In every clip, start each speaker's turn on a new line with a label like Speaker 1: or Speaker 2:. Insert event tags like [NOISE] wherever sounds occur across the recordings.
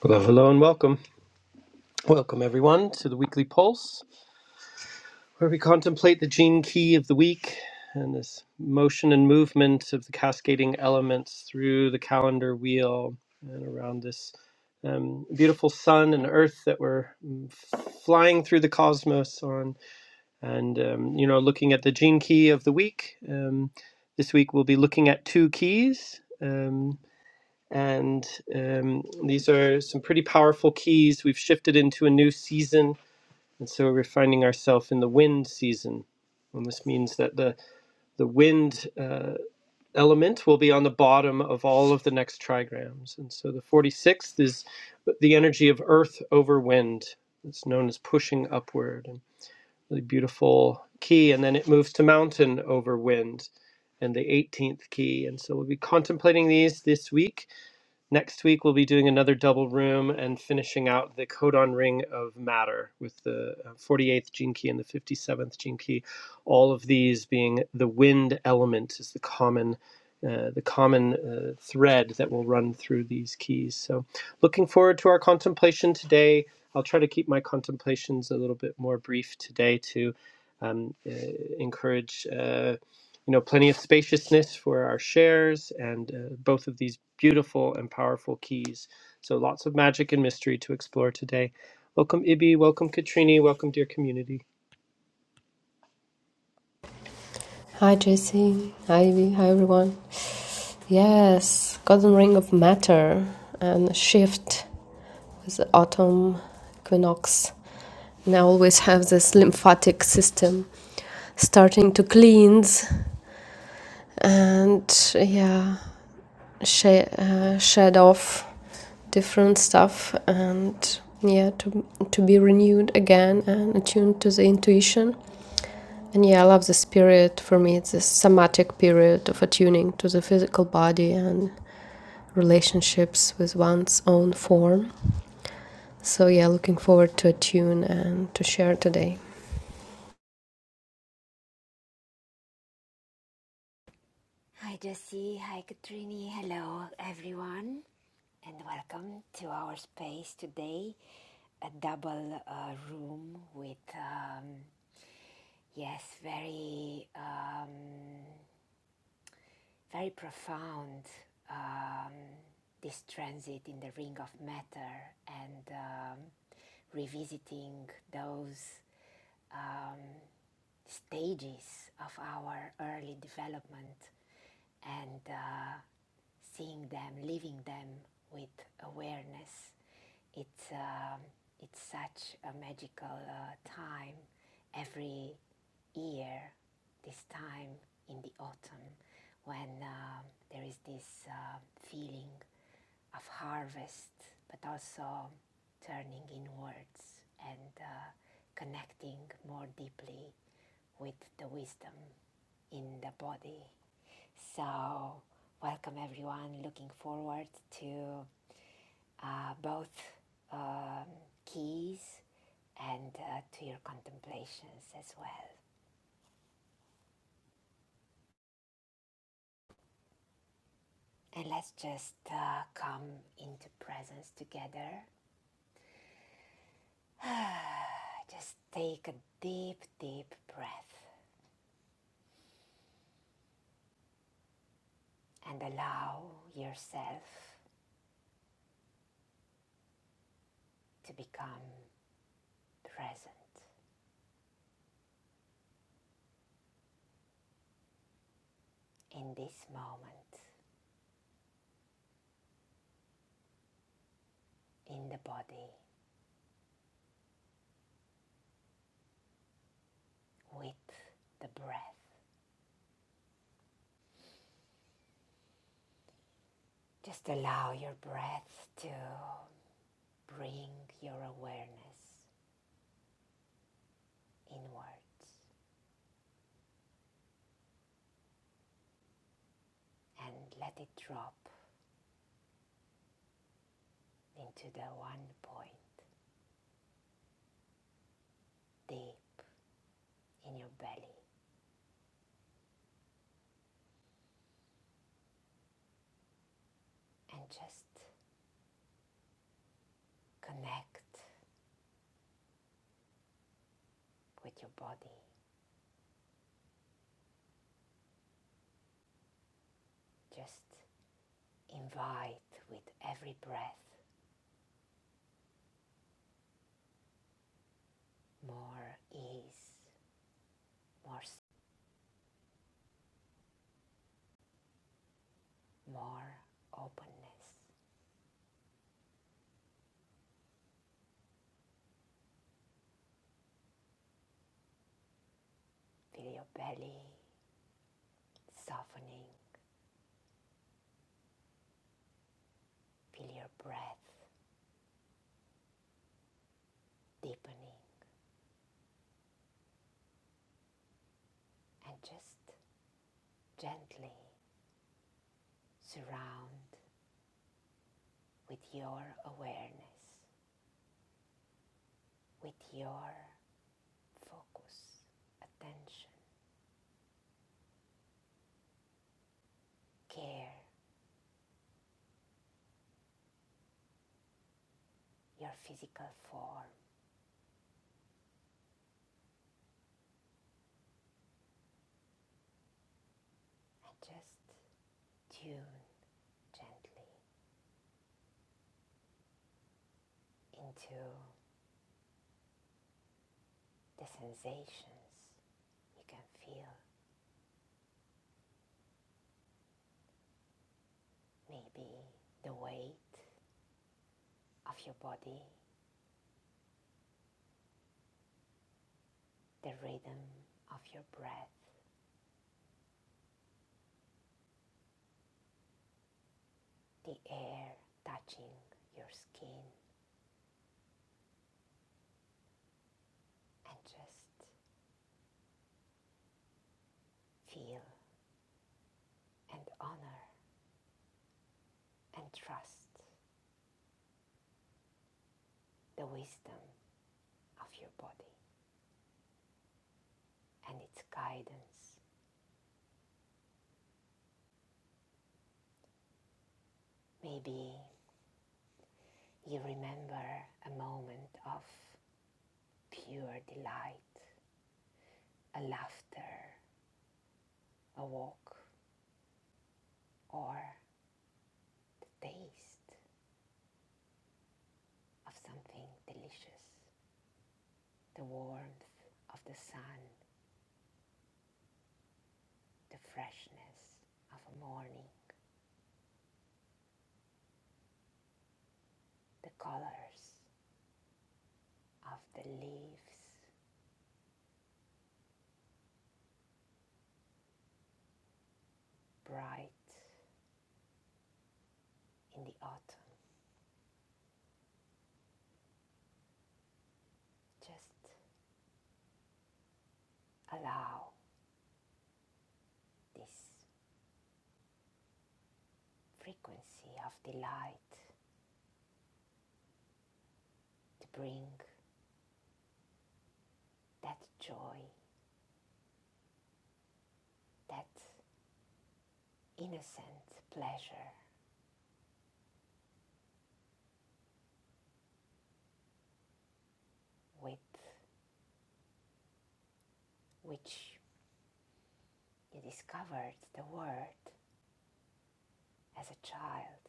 Speaker 1: Hello, hello, and welcome. Welcome, everyone, to the weekly pulse, where we contemplate the gene key of the week and this motion and movement of the cascading elements through the calendar wheel and around this um, beautiful sun and earth that we're mm, flying through the cosmos on. And, um, you know, looking at the gene key of the week. Um, this week, we'll be looking at two keys. Um, and um, these are some pretty powerful keys. We've shifted into a new season, and so we're finding ourselves in the wind season. And this means that the, the wind uh, element will be on the bottom of all of the next trigrams. And so the 46th is the energy of earth over wind. It's known as pushing upward. And really beautiful key. And then it moves to mountain over wind and the 18th key. And so we'll be contemplating these this week Next week, we'll be doing another double room and finishing out the codon ring of matter with the uh, 48th gene key and the 57th gene key. All of these being the wind element is the common. Uh, the common uh, thread that will run through these keys. So, looking forward to our contemplation today. I'll try to keep my contemplations a little bit more brief today to um, uh, encourage. Uh, you know, plenty of spaciousness for our shares and uh, both of these beautiful and powerful keys. So lots of magic and mystery to explore today. Welcome, Ibi. Welcome, Katrini. Welcome, dear community.
Speaker 2: Hi, Jesse. Hi, Ivy. Hi, everyone. Yes, Golden Ring of Matter and shift with the autumn equinox. And I always have this lymphatic system starting to cleanse and, yeah, shed, uh, shed off different stuff and, yeah, to, to be renewed again and attuned to the intuition. And yeah, I love this period. For me, it's a somatic period of attuning to the physical body and relationships with one's own form. So, yeah, looking forward to a tune and to share today.
Speaker 3: Hi Josie, hi Katrini, hello everyone, and welcome to our space today. A double uh, room with, um, yes, very, um, very profound um, this transit in the ring of matter and um, revisiting those um, stages of our early development and uh, seeing them, living them with awareness. It's, um it's such a magical uh, time every year, this time in the autumn, when um there is this uh, feeling of harvest, but also turning inwards and uh, connecting more deeply with the wisdom in the body so, welcome everyone. Looking forward to uh, both um, keys and uh, to your contemplations as well. And let's just uh, come into presence together. [SIGHS] just take a deep, deep breath and allow yourself to become present in this moment, in the body, with the breath. Just allow your breath to bring your awareness inwards and let it drop into the one point deep in your belly and just connect with your body. Just invite with every breath more ease, more more openness. Feel your belly softening, feel your breath deepening and just gently surround with your awareness, with your focus, attention, care, your physical form, and just tune gently into the sensations you can feel. Maybe the weight of your body, the rhythm of your breath, the air touching your skin, and just feel and honor and trust the wisdom of your body and its guidance. Maybe you remember a moment of pure delight, a laughter, a walk, or the taste of something delicious, the warmth of the sun, the freshness of a morning, the colors of the leaves bright in the autumn. Just allow this frequency of delight to bring that joy, that innocent pleasure with which you discovered the world as a child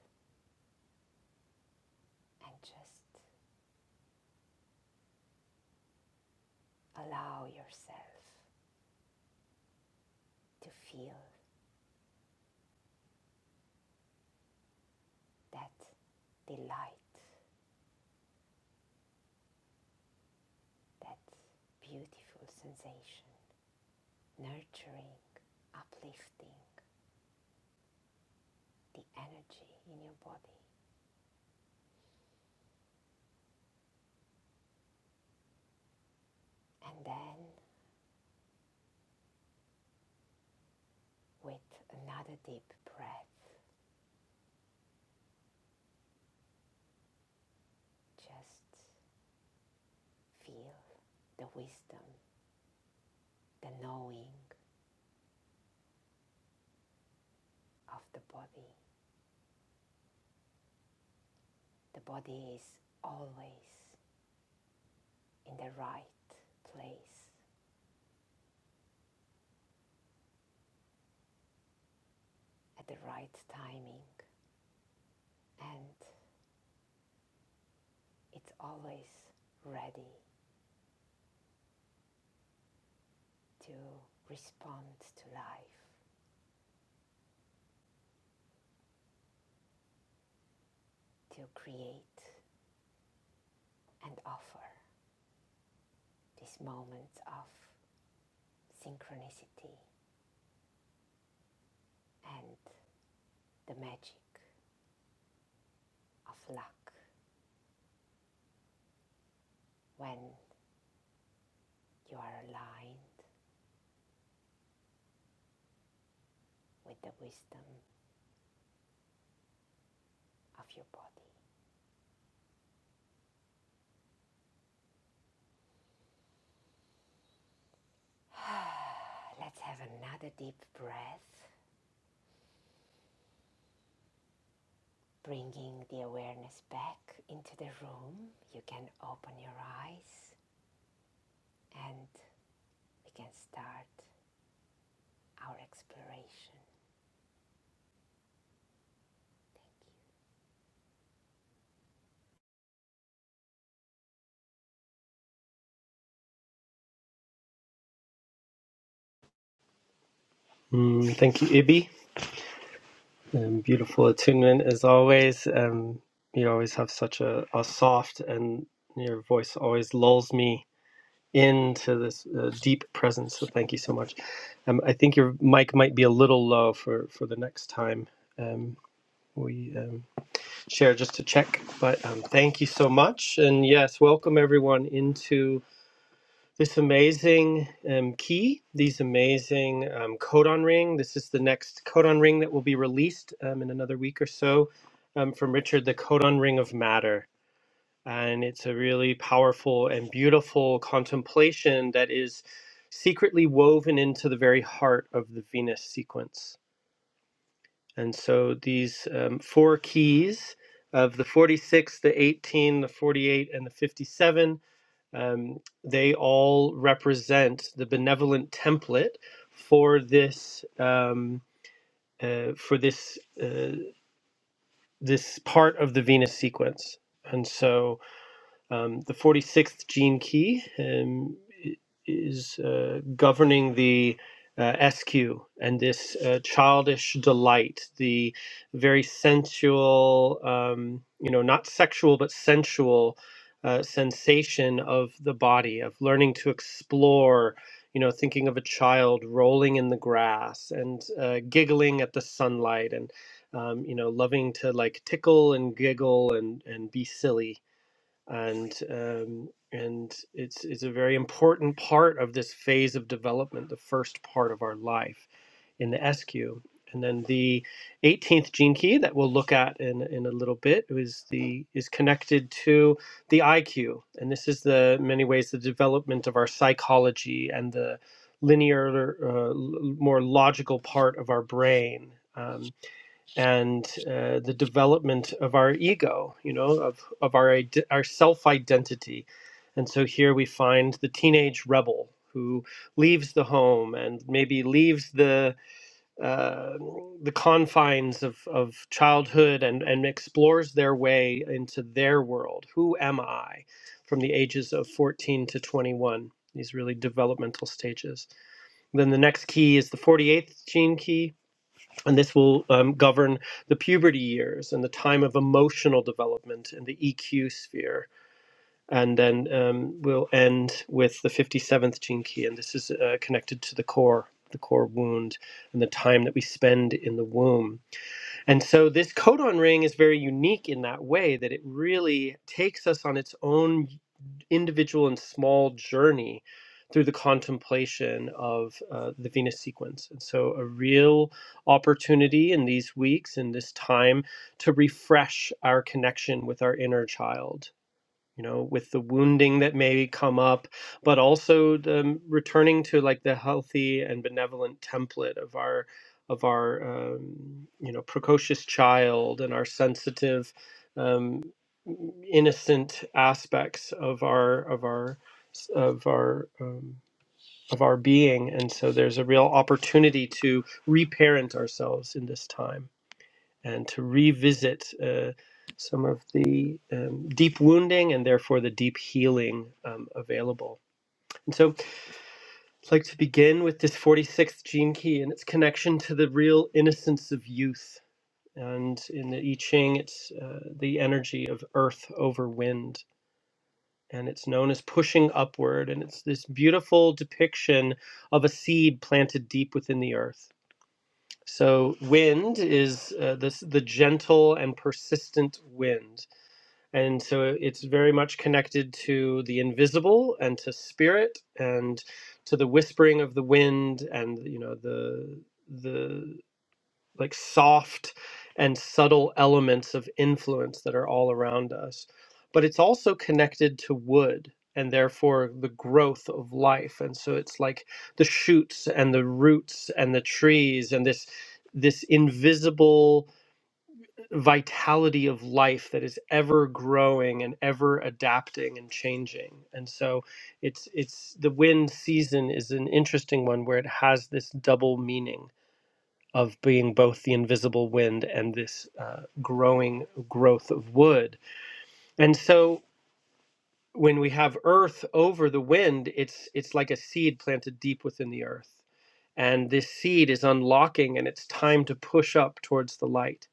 Speaker 3: and just allow yourself to feel that delight, that beautiful sensation, nurturing, uplifting the energy in your body. And then with another deep breath, Just feel the wisdom, the knowing of the body. The body is always in the right place at the right timing and it's always ready to respond to life, to create and offer these moments of synchronicity and the magic of luck when you are aligned with the wisdom of your body. [SIGHS] Let's have another deep breath, bringing the awareness back into the room. You can open your eyes and we can start our exploration.
Speaker 1: Mm, thank you, Ibi. Um, beautiful attunement as always. Um, you always have such a, a soft and your voice always lulls me into this uh, deep presence. So thank you so much. Um, I think your mic might be a little low for, for the next time. Um, we um, share just to check. But um, thank you so much. And yes, welcome everyone into this amazing um, key, these amazing um, codon ring. This is the next codon ring that will be released um, in another week or so um, from Richard, the codon ring of matter. And it's a really powerful and beautiful contemplation that is secretly woven into the very heart of the Venus sequence. And so these um, four keys of the 46, the 18, the 48, and the 57, um, they all represent the benevolent template for this um, uh, for this uh, this part of the Venus sequence. And so um, the 46th gene key um, is uh, governing the uh, SQ and this uh, childish delight, the very sensual, um, you know, not sexual, but sensual uh, sensation of the body, of learning to explore, you know, thinking of a child rolling in the grass and uh, giggling at the sunlight and, um, you know, loving to like tickle and giggle and, and be silly and um, and it's it's a very important part of this phase of development, the first part of our life in the SQ. And then the 18th gene key that we'll look at in, in a little bit is the is connected to the IQ, and this is the in many ways the development of our psychology and the linear, uh, more logical part of our brain. Um, and uh, the development of our ego, you know, of, of our, ide- our self identity. And so here we find the teenage rebel who leaves the home and maybe leaves the, uh, the confines of, of childhood and, and explores their way into their world. Who am I from the ages of 14 to 21? These really developmental stages. Then the next key is the 48th gene key, and this will um, govern the puberty years and the time of emotional development in the EQ sphere. And then um, we'll end with the 57th gene key, and this is uh, connected to the core, the core wound, and the time that we spend in the womb. And so this codon ring is very unique in that way that it really takes us on its own individual and small journey through the contemplation of uh, the Venus sequence. And so, a real opportunity in these weeks, in this time, to refresh our connection with our inner child you know, with the wounding that may come up, but also the um, returning to like the healthy and benevolent template of our of our um, you know precocious child and our sensitive, um, innocent aspects of our of our of our um, of our being, and so there's a real opportunity to reparent ourselves in this time and to revisit uh, some of the um, deep wounding and therefore the deep healing um, available. And so I'd like to begin with this 46th gene key and its connection to the real innocence of youth. And in the I Ching, it's uh, the energy of earth over wind. And it's known as pushing upward. And it's this beautiful depiction of a seed planted deep within the earth. So wind is uh, this the gentle and persistent wind, and so it's very much connected to the invisible and to spirit and to the whispering of the wind and you know the the like soft and subtle elements of influence that are all around us but it's also connected to wood and therefore the growth of life and so it's like the shoots and the roots and the trees and this this invisible vitality of life that is ever growing and ever adapting and changing. And so it's it's the wind season is an interesting one where it has this double meaning of being both the invisible wind and this uh, growing growth of wood. And so when we have earth over the wind, it's it's like a seed planted deep within the earth. And this seed is unlocking and it's time to push up towards the light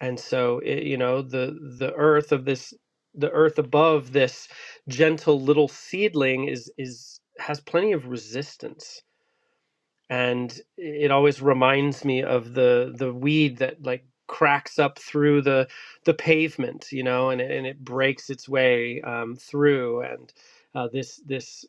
Speaker 1: and so it, you know the the earth of this the earth above this gentle little seedling is is has plenty of resistance and it always reminds me of the the weed that like cracks up through the the pavement you know and it, and it breaks its way um, through and uh, this this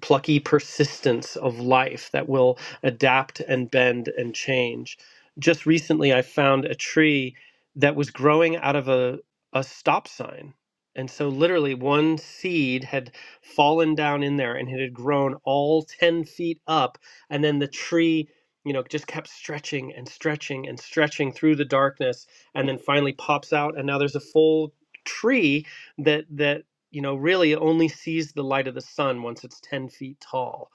Speaker 1: plucky persistence of life that will adapt and bend and change. Just recently, I found a tree that was growing out of a, a stop sign. And so, literally, one seed had fallen down in there and it had grown all 10 feet up. And then the tree, you know, just kept stretching and stretching and stretching through the darkness and then finally pops out. And now there's a full tree that that you know, really only sees the light of the sun once it's 10 feet tall.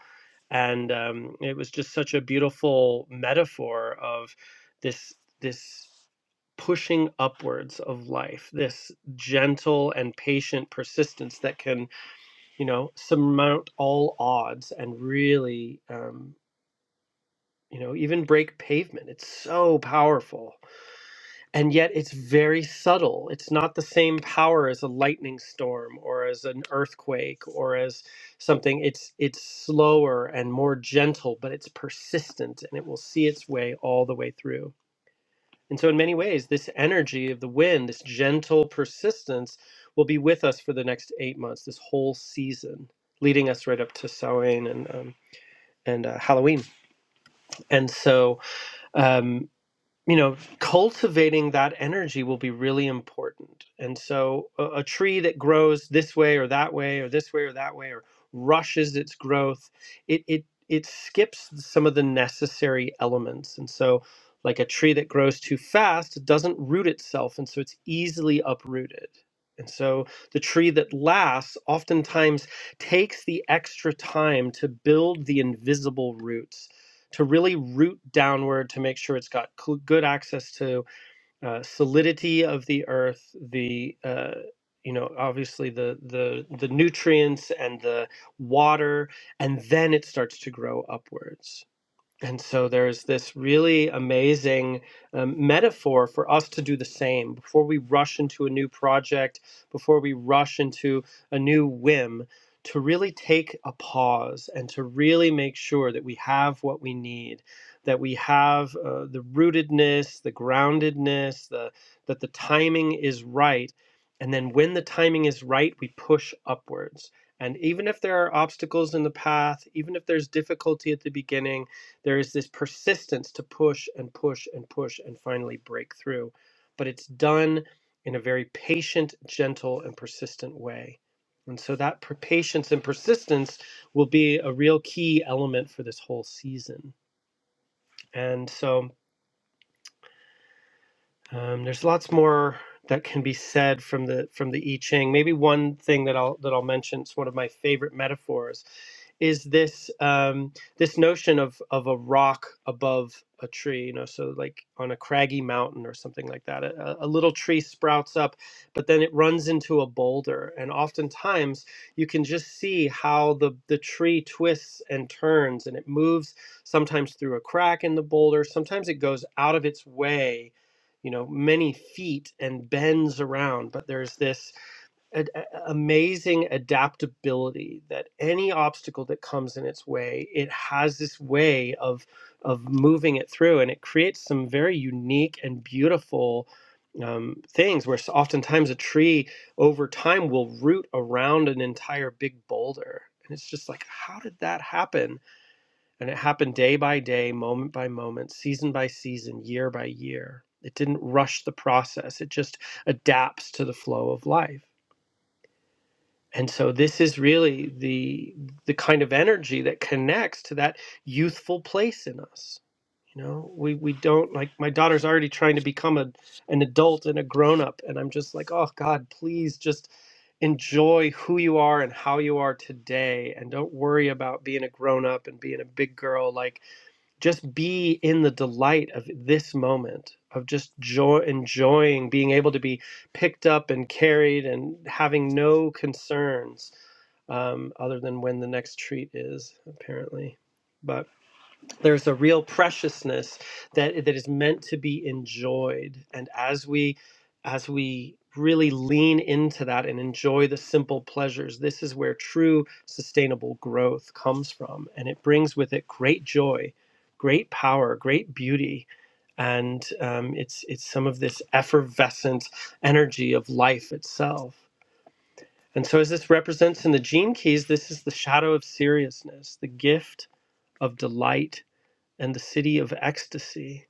Speaker 1: And um, it was just such a beautiful metaphor of this, this pushing upwards of life, this gentle and patient persistence that can, you know, surmount all odds and really, um, you know, even break pavement. It's so powerful and yet it's very subtle. It's not the same power as a lightning storm or as an earthquake or as something. It's it's slower and more gentle, but it's persistent and it will see its way all the way through. And so in many ways, this energy of the wind, this gentle persistence, will be with us for the next eight months, this whole season, leading us right up to Samhain and um, and uh, Halloween. And so um, you know cultivating that energy will be really important and so a, a tree that grows this way or that way or this way or that way or rushes its growth it it it skips some of the necessary elements and so like a tree that grows too fast it doesn't root itself and so it's easily uprooted and so the tree that lasts oftentimes takes the extra time to build the invisible roots to really root downward to make sure it's got cl- good access to uh, solidity of the earth, the uh, you know obviously the the the nutrients and the water, and then it starts to grow upwards and so there's this really amazing um, metaphor for us to do the same before we rush into a new project, before we rush into a new whim, to really take a pause and to really make sure that we have what we need, that we have uh, the rootedness, the groundedness, the, that the timing is right. And then when the timing is right, we push upwards. And even if there are obstacles in the path, even if there's difficulty at the beginning, there is this persistence to push and push and push and finally break through, but it's done in a very patient, gentle, and persistent way. And so that per- patience and persistence will be a real key element for this whole season. And so Um, there's lots more that can be said from the from the I Ching. Maybe one thing that I'll that I'll mention. It's one of my favorite metaphors. Is this um, this notion of of a rock above a tree? You know, so like on a craggy mountain or something like that. A, a little tree sprouts up, but then it runs into a boulder, and oftentimes you can just see how the the tree twists and turns, and it moves sometimes through a crack in the boulder. Sometimes it goes out of its way you know many feet and bends around but there's this ad- amazing adaptability that any obstacle that comes in its way it has this way of of moving it through and it creates some very unique and beautiful um, things where s- oftentimes a tree over time will root around an entire big boulder and it's just like how did that happen and it happened day by day, moment by moment, season by season, year by year. It didn't rush the process, it just adapts to the flow of life. And so this is really the the kind of energy that connects to that youthful place in us. You know, we, we don't like my daughter's already trying to become a an adult and a grown up, and I'm just like, oh God, please just enjoy who you are and how you are today and don't worry about being a grown up and being a big girl like just be in the delight of this moment of just joy enjoying being able to be picked up and carried and having no concerns um, other than when the next treat is apparently But there's a real preciousness that that is meant to be enjoyed and as we as we really lean into that and enjoy the simple pleasures this is where true sustainable growth comes from and it brings with it great joy great power great beauty and um, it's it's some of this effervescent energy of life itself and so as this represents in the gene keys this is the shadow of seriousness the gift of delight and the city of ecstasy.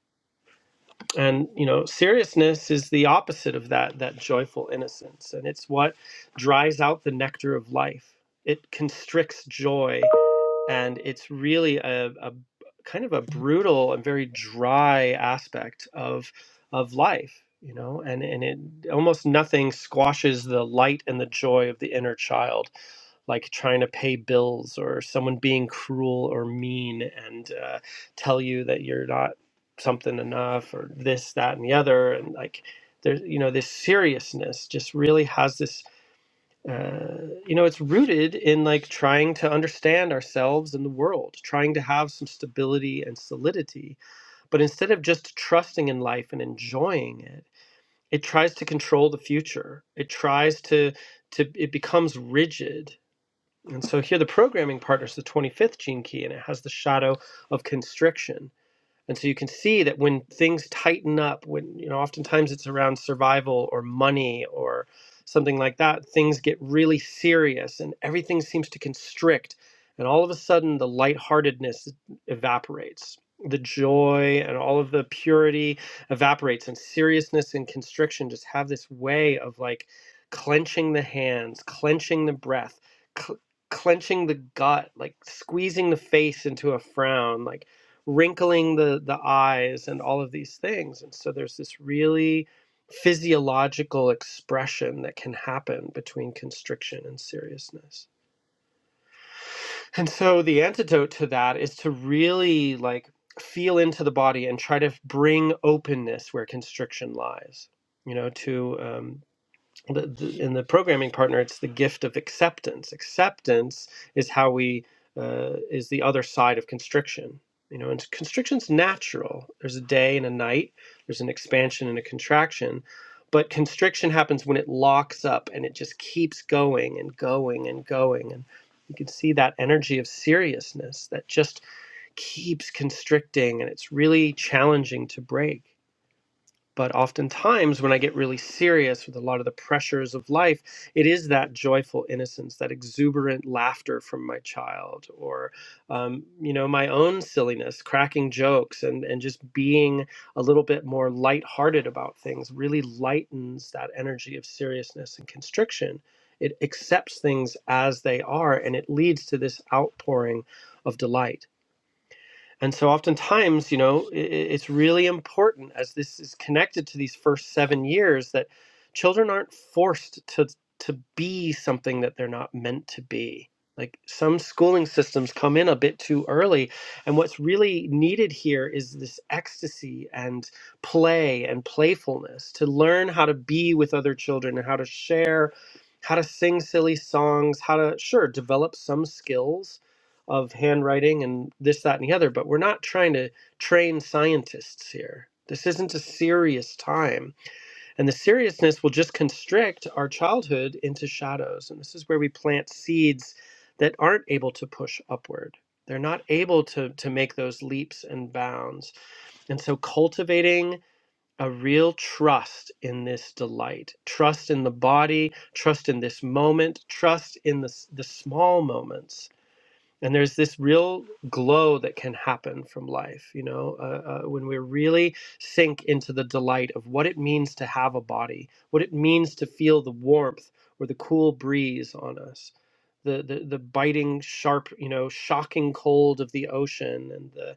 Speaker 1: And you know, seriousness is the opposite of that that joyful innocence, and it's what dries out the nectar of life. It constricts joy, and it's really a, a kind of a brutal and very dry aspect of of life, you know, and and it almost nothing squashes the light and the joy of the inner child like trying to pay bills or someone being cruel or mean and uh, tell you that you're not something enough or this that and the other and like there's you know this seriousness just really has this uh, you know it's rooted in like trying to understand ourselves and the world trying to have some stability and solidity but instead of just trusting in life and enjoying it it tries to control the future it tries to to it becomes rigid and so here the programming partner is the 25th gene key, and it has the shadow of constriction. And so you can see that when things tighten up, when, you know, oftentimes it's around survival or money or something like that, things get really serious and everything seems to constrict. And all of a sudden, the lightheartedness evaporates. The joy and all of the purity evaporates, and seriousness and constriction just have this way of like clenching the hands, clenching the breath, cl- clenching the gut, like squeezing the face into a frown, like wrinkling the the eyes and all of these things and so there's this really physiological expression that can happen between constriction and seriousness and so the antidote to that is to really like feel into the body and try to bring openness where constriction lies you know to um, the, the, in the programming partner, it's the gift of acceptance. Acceptance is how we uh, is the other side of constriction. You know, and constriction's natural. There's a day and a night. There's an expansion and a contraction, but constriction happens when it locks up and it just keeps going and going and going. And you can see that energy of seriousness that just keeps constricting, and it's really challenging to break. But oftentimes, when I get really serious with a lot of the pressures of life, it is that joyful innocence, that exuberant laughter from my child, or um, you know, my own silliness, cracking jokes, and and just being a little bit more lighthearted about things really lightens that energy of seriousness and constriction. It accepts things as they are, and it leads to this outpouring of delight and so, oftentimes, you know, i- i- it's really important as this is connected to these first seven years that children aren't forced to to be something that they're not meant to be. Like some schooling systems come in a bit too early, and what's really needed here is this ecstasy and play and playfulness to learn how to be with other children and how to share, how to sing silly songs, how to sure develop some skills of handwriting and this, that, and the other, but we're not trying to train scientists here. This isn't a serious time. And the seriousness will just constrict our childhood into shadows. And this is where we plant seeds that aren't able to push upward. They're not able to, to make those leaps and bounds. And so cultivating a real trust in this delight, trust in the body, trust in this moment, trust in the, the small moments and there's this real glow that can happen from life you know uh, uh, when we really sink into the delight of what it means to have a body what it means to feel the warmth or the cool breeze on us the the, the biting sharp you know shocking cold of the ocean and the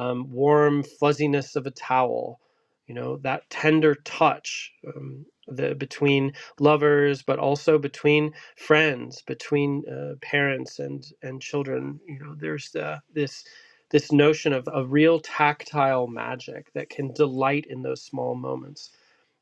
Speaker 1: um, warm fuzziness of a towel you know that tender touch um, the between lovers but also between friends between uh, parents and and children you know there's uh, this this notion of a real tactile magic that can delight in those small moments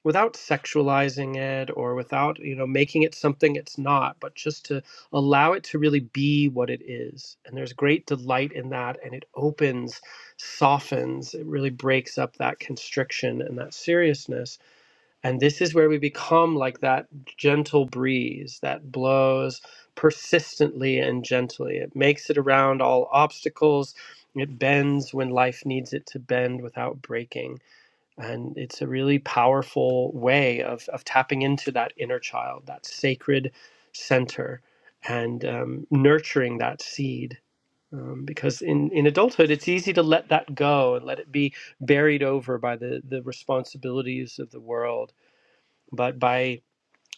Speaker 1: without sexualizing it or without you know making it something it's not but just to allow it to really be what it is and there's great delight in that and it opens softens it really breaks up that constriction and that seriousness and this is where we become like that gentle breeze that blows persistently and gently. It makes it around all obstacles. It bends when life needs it to bend without breaking. And it's a really powerful way of, of tapping into that inner child, that sacred center, and um, nurturing that seed. Um, because in, in adulthood, it's easy to let that go and let it be buried over by the, the responsibilities of the world but by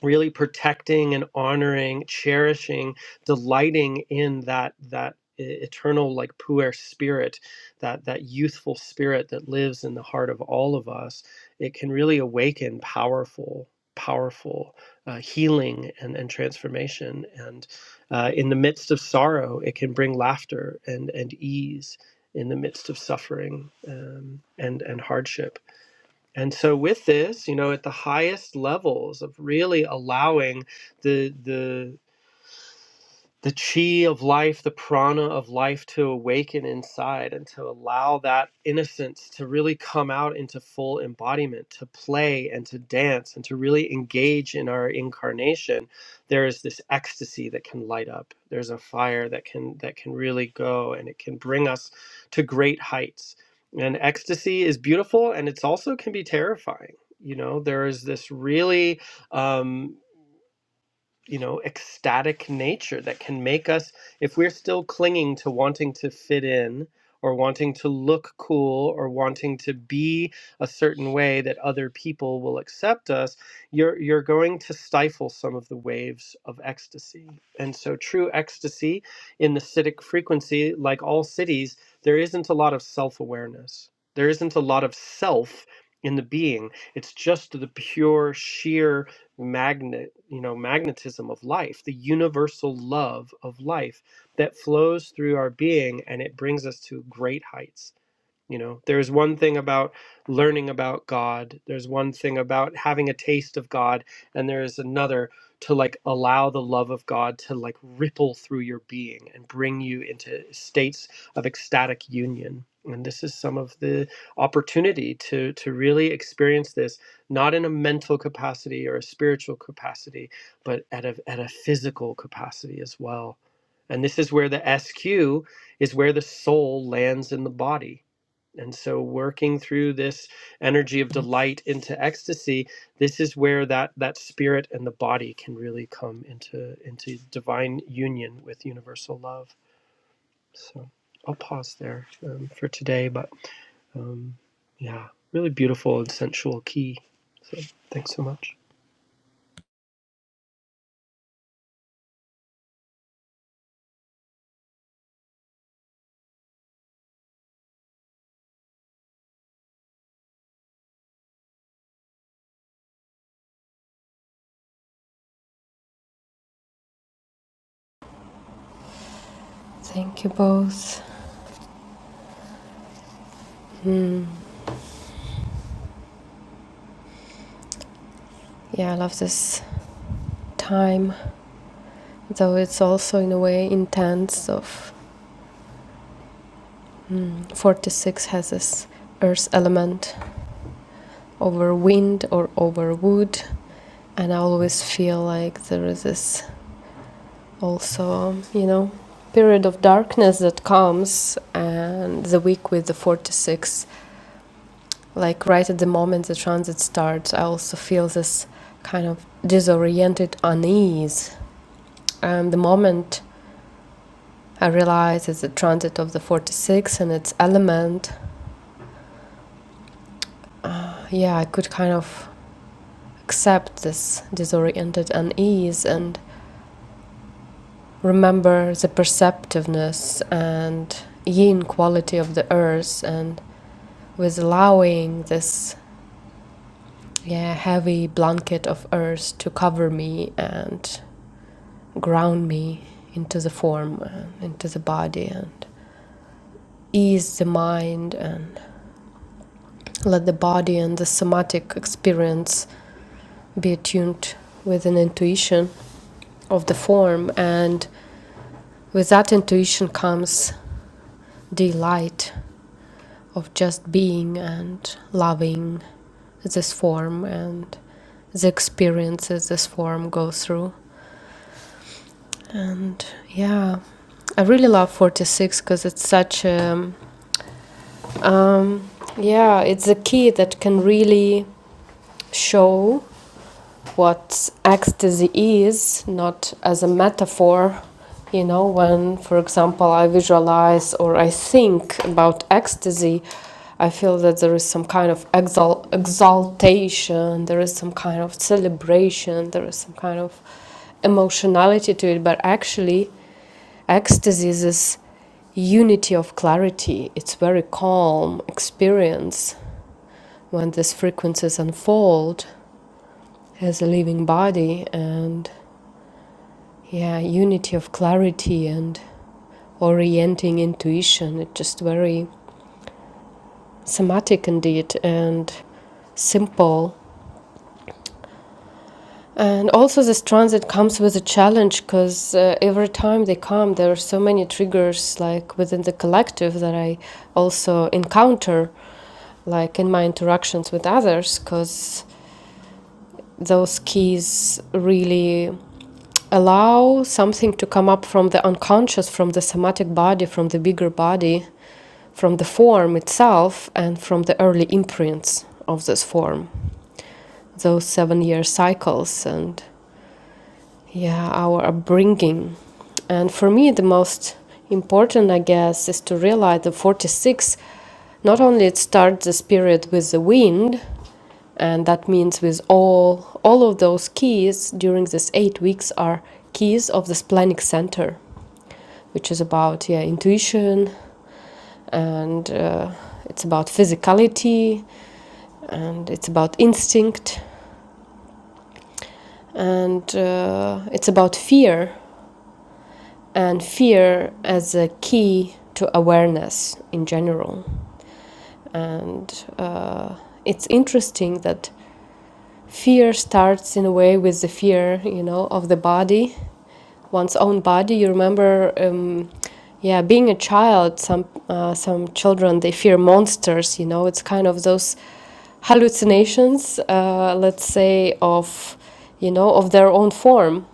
Speaker 1: really protecting and honoring, cherishing, delighting in that that e- eternal like puer spirit that that youthful spirit that lives in the heart of all of us it can really awaken powerful powerful uh, healing and, and transformation and uh, in the midst of sorrow it can bring laughter and and ease in the midst of suffering um, and and hardship and so with this, you know, at the highest levels of really allowing the the the chi of life, the prana of life to awaken inside and to allow that innocence to really come out into full embodiment, to play and to dance and to really engage in our incarnation, there is this ecstasy that can light up. There's a fire that can that can really go and it can bring us to great heights. And ecstasy is beautiful and it's also can be terrifying. You know, there is this really um, you know ecstatic nature that can make us if we're still clinging to wanting to fit in or wanting to look cool or wanting to be a certain way that other people will accept us you're you're going to stifle some of the waves of ecstasy and so true ecstasy in the citic frequency like all cities there isn't a lot of self-awareness there isn't a lot of self in the being it's just the pure sheer magnet you know magnetism of life the universal love of life that flows through our being and it brings us to great heights you know, there's one thing about learning about God, there's one thing about having a taste of God, and there is another to like allow the love of God to like ripple through your being and bring you into states of ecstatic union. And this is some of the opportunity to to really experience this not in a mental capacity or a spiritual capacity, but at a at a physical capacity as well. And this is where the SQ is where the soul lands in the body and so, working through this energy of delight into ecstasy, this is where that that spirit and the body can really come into into divine union with universal love. So, I'll pause there um, for today. But um, yeah, really beautiful and sensual key. So, thanks so much.
Speaker 2: Thank you both. Mm, yeah, I love this time, though it's also in a way intense. Of mm, 46 has this earth element over wind or over wood, and I always feel like there is this also, you know, period of darkness that comes, and the week with the 46 like right at the moment the transit starts, I also feel this kind of disoriented unease. And the moment I realize it's the transit of the 46 and its element, uh, yeah, I could kind of accept this disoriented unease and remember the perceptiveness and yin quality of the earth and with allowing this yeah heavy blanket of earth to cover me and ground me into the form, uh, into the body, and ease the mind, and let the body and the somatic experience be attuned with an intuition of the form. And with that intuition comes delight of just being and loving this form and the experiences this form goes through. And yeah, I really love 46 because it's such a Um, yeah, it's a key that can really show what ecstasy is, not as a metaphor. You know, when, for example, I visualize or I think about ecstasy, I feel that there is some kind of exal- exaltation, there is some kind of celebration, there is some kind of emotionality to it, but actually, ecstasy is this unity of clarity. It's very calm experience when these frequencies unfold as a living body and yeah unity of clarity and orienting intuition it's just very somatic indeed and simple and also this transit comes with a challenge because uh, every time they come there are so many triggers like within the collective that i also encounter like in my interactions with others because those keys really allow something to come up from the unconscious, from the somatic body, from the bigger body, from the form itself, and from the early imprints of this form, those seven year cycles, and yeah, our upbringing. And for me, the most important, I guess, is to realize the 46 not only it starts this period with the wind, and that means with all all of those keys during these eight weeks are keys of this planic center which is about yeah intuition and uh, it's about physicality and it's about instinct and uh, it's about fear and fear as a key to awareness in general and uh, it's interesting that fear starts in a way with the fear you know of the body one's own body. You remember, um, yeah, being a child. Some uh, some children they fear monsters. You know, it's kind of those hallucinations, uh, let's say, of you know of their own form,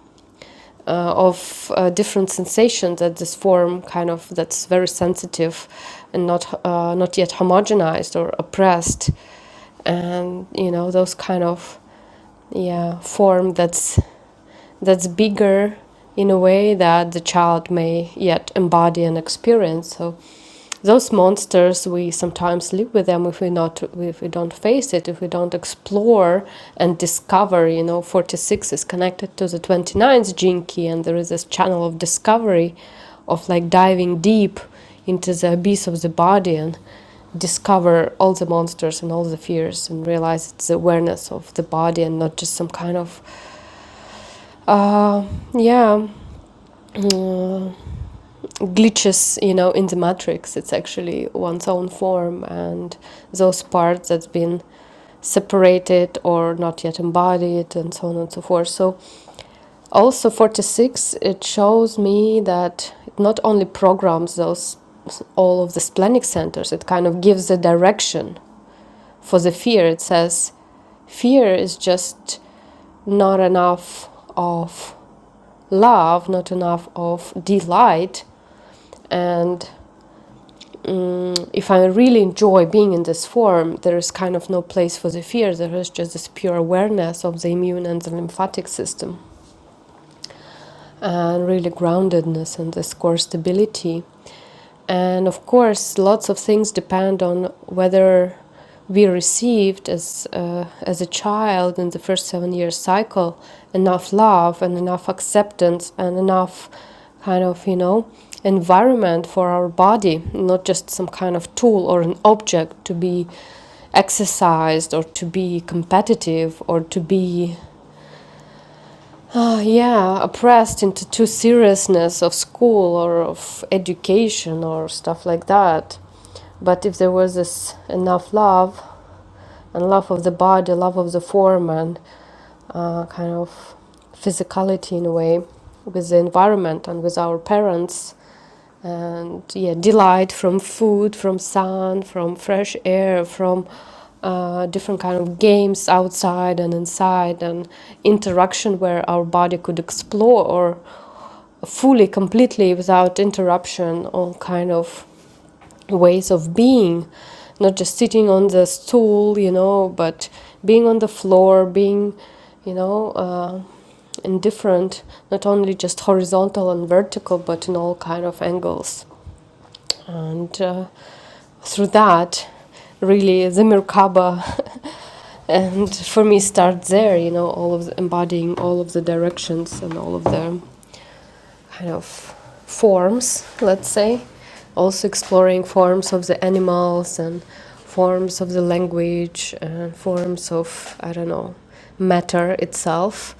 Speaker 2: uh, of uh, different sensations that this form kind of that's very sensitive and not uh, not yet homogenized or oppressed, and you know those kind of yeah form that's that's bigger in a way that the child may yet embody and experience. So those monsters we sometimes live with them if we not if we don't face it if we don't explore and discover you know 46 is connected to the 29th gene key and there is this channel of discovery of like diving deep into the abyss of the body and discover all the monsters and all the fears and realize it's the awareness of the body and not just some kind of uh, yeah, uh, glitches, you know, in the matrix. It's actually one's own form, and those parts that's been separated or not yet embodied, and so on and so forth. So, also 46, it shows me that it not only programs those all of the splenic centers, it kind of gives a direction for the fear. It says, fear is just not enough of love, not enough of delight. And mm, if I really enjoy being in this form, there is kind of no place for the fear. There is just this pure awareness of the immune and the lymphatic system. and really groundedness and this core stability. And of course, lots of things depend on whether we received as uh, as a child in the first seven year cycle enough love and enough acceptance and enough kind of you know environment for our body, not just some kind of tool or an object to be exercised or to be competitive or to be uh, yeah, oppressed into too seriousness of school or of education or stuff like that. But if there was this enough love and love of the body, love of the form, and uh, kind of physicality in a way with the environment and with our parents, and yeah delight from food from sun from fresh air from uh, different kind of games outside and inside and interaction where our body could explore or fully completely without interruption all kind of ways of being not just sitting on the stool you know but being on the floor being you know uh, in different not only just horizontal and vertical but in all kind of angles and uh, through that really the merkaba [LAUGHS] and for me start there you know all of the embodying all of the directions and all of the kind of forms let's say also exploring forms of the animals and forms of the language and forms of i don't know matter itself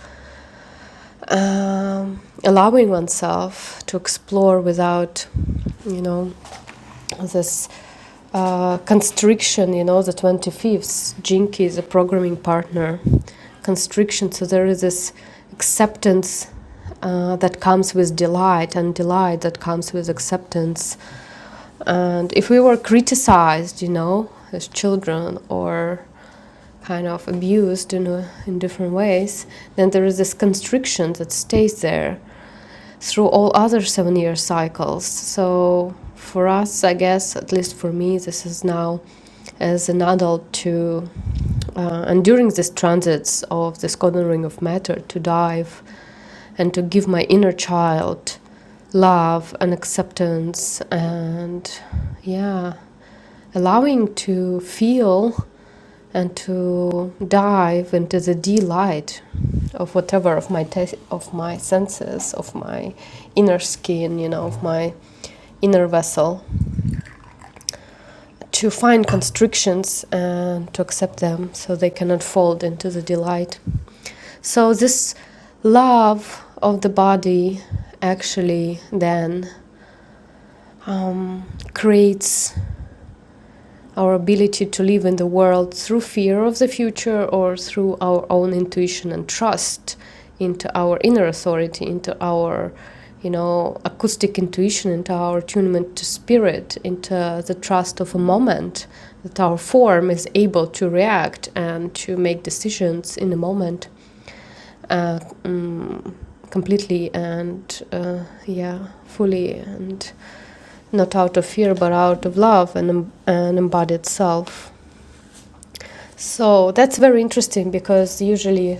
Speaker 2: um, allowing oneself to explore without you know this uh, constriction, you know, the 25th, Jinky is a programming partner, constriction. So there is this acceptance uh, that comes with delight, and delight that comes with acceptance. And if we were criticized, you know, as children or kind of abused in, a, in different ways, then there is this constriction that stays there through all other seven year cycles. So for us, I guess, at least for me, this is now as an adult to uh, and during these transits of this golden ring of matter, to dive and to give my inner child love and acceptance and, yeah, allowing to feel and to dive into the delight of whatever of my te- of my senses of my inner skin you know of my inner vessel to find constrictions and to accept them so they can unfold into the delight. So, this love of the body actually then um, creates our ability to live in the world through fear of the future or through our own intuition and trust into our inner authority, into our you know acoustic intuition, into our attunement to spirit, into the trust of a moment that our form is able to react and to make decisions in the moment uh, mm, completely and uh, yeah fully and not out of fear but out of love and um, an embodied self so that's very interesting because usually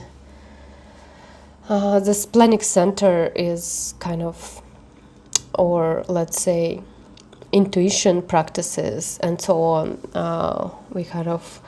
Speaker 2: uh, this planning center is kind of or let's say intuition practices and so on, uh, we kind of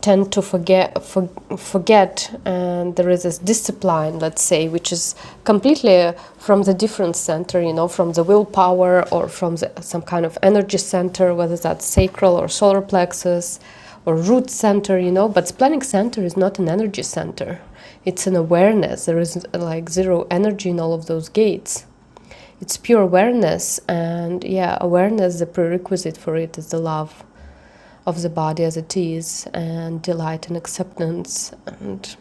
Speaker 2: tend to forget for, forget and there is this discipline let's say which is completely from the different center you know from the willpower or from the, some kind of energy center whether that's sacral or solar plexus or root center you know but splenic center is not an energy center it's an awareness there is like zero energy in all of those gates it's pure awareness, and yeah, awareness, the prerequisite for it is the love of the body as it is, and delight and acceptance, and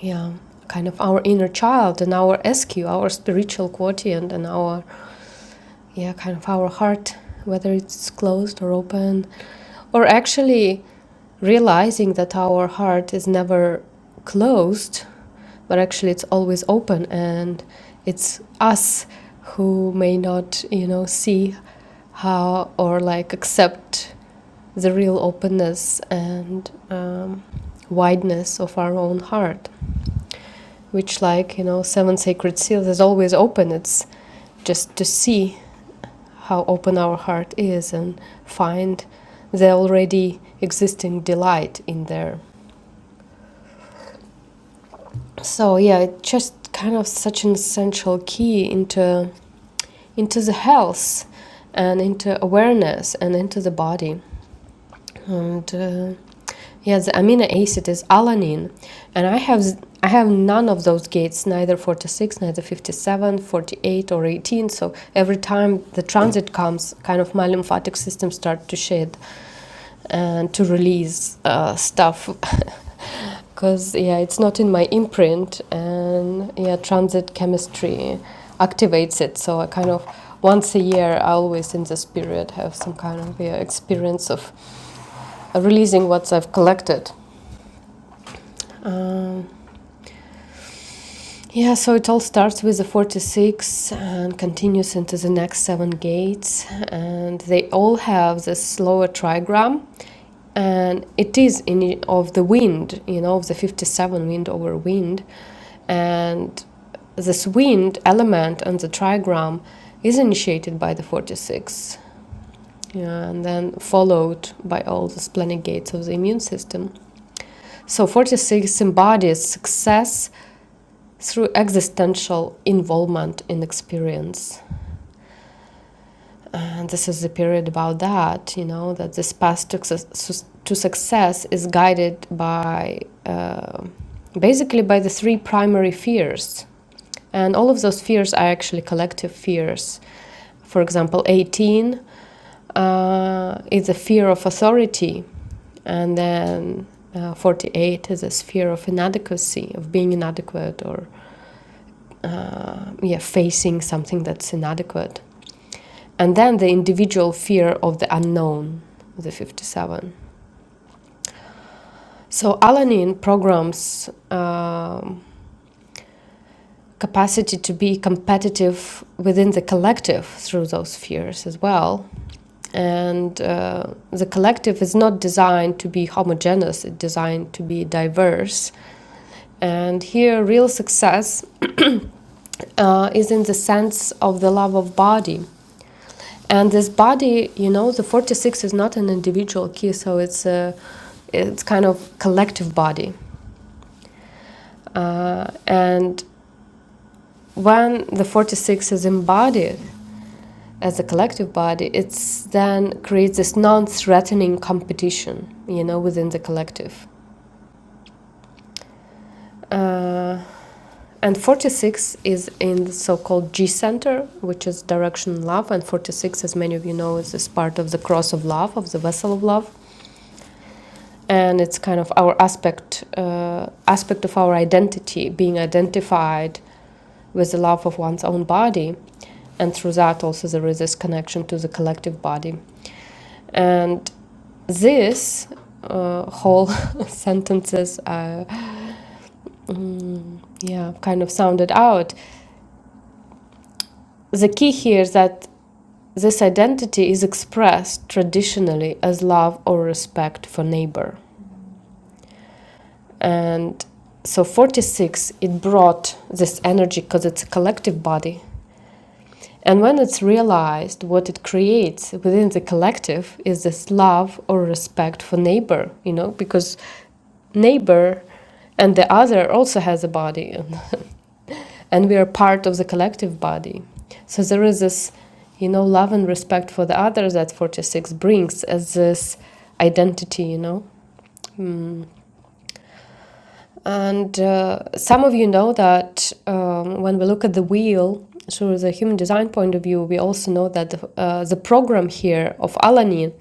Speaker 2: yeah, kind of our inner child and our SQ, our spiritual quotient, and our, yeah, kind of our heart, whether it's closed or open, or actually realizing that our heart is never closed but actually it's always open and it's us who may not you know see how or like accept the real openness and um, wideness of our own heart which like you know seven sacred seals is always open it's just to see how open our heart is and find the already existing delight in there so yeah it's just kind of such an essential key into into the health and into awareness and into the body. And uh, yeah, the amino acid is alanine, and I have I have none of those gates, neither 46, neither 57, 48, or 18. So every time the transit comes, kind of my lymphatic system starts to shed and to release uh, stuff because yeah it's not in my imprint and yeah transit chemistry activates it so i kind of once a year i always in this period have some kind of yeah, experience of uh, releasing what i've collected um, yeah so it all starts with the 46 and continues into the next seven gates and they all have this lower trigram and it is in of the wind you know of the 57 wind over wind and This wind element on the trigram is initiated by the 46 yeah, and then followed by all the splenic gates of the immune system. So 46 embodies success through existential involvement in experience. And this is the period about that, you know, that this path to, success- is guided by uh, basically by the three primary fears. And all of those fears are actually collective fears For example, 18 uh, is a fear of authority, and then uh, 48 is a sphere of inadequacy, of being inadequate or uh, yeah, facing something that's inadequate. And then the individual fear of the unknown, the 57. So alanine programs um, capacity to be competitive within the collective through those fears as well. and uh, the collective is not designed to be homogeneous it's designed to be diverse and here real success uh, is in the sense of the love of body and this body you know the 46 is not an individual key so it's a it's kind of collective body uh, and when the 46 is embodied as a collective body it's then creates this non-threatening competition you know within the collective uh, And 46 is in the so-called G center, which is direction love. And 46, as many of you know, is this part of the cross of love, of the vessel of love. And it's kind of our aspect, uh, aspect of our identity, being identified with the love of one's own body. And through that also there is this connection to the collective body. And this uh, whole [LAUGHS] sentences uh, mm, yeah kind of sounded out the key here is that This identity is expressed traditionally as love or respect for neighbor. And so 46 it brought this energy because it's a collective body and when it's realized, what it creates within the collective is this love or respect for neighbor, you know, because neighbor and the other also has a body, [LAUGHS] and we are part of the collective body. So there is this, you know, love and respect for the other that 46 brings as this identity, you know. Mm. And uh, some of you know that um, when we look at the wheel through the human design point of view, we also know that the, uh, the program here of Alanin,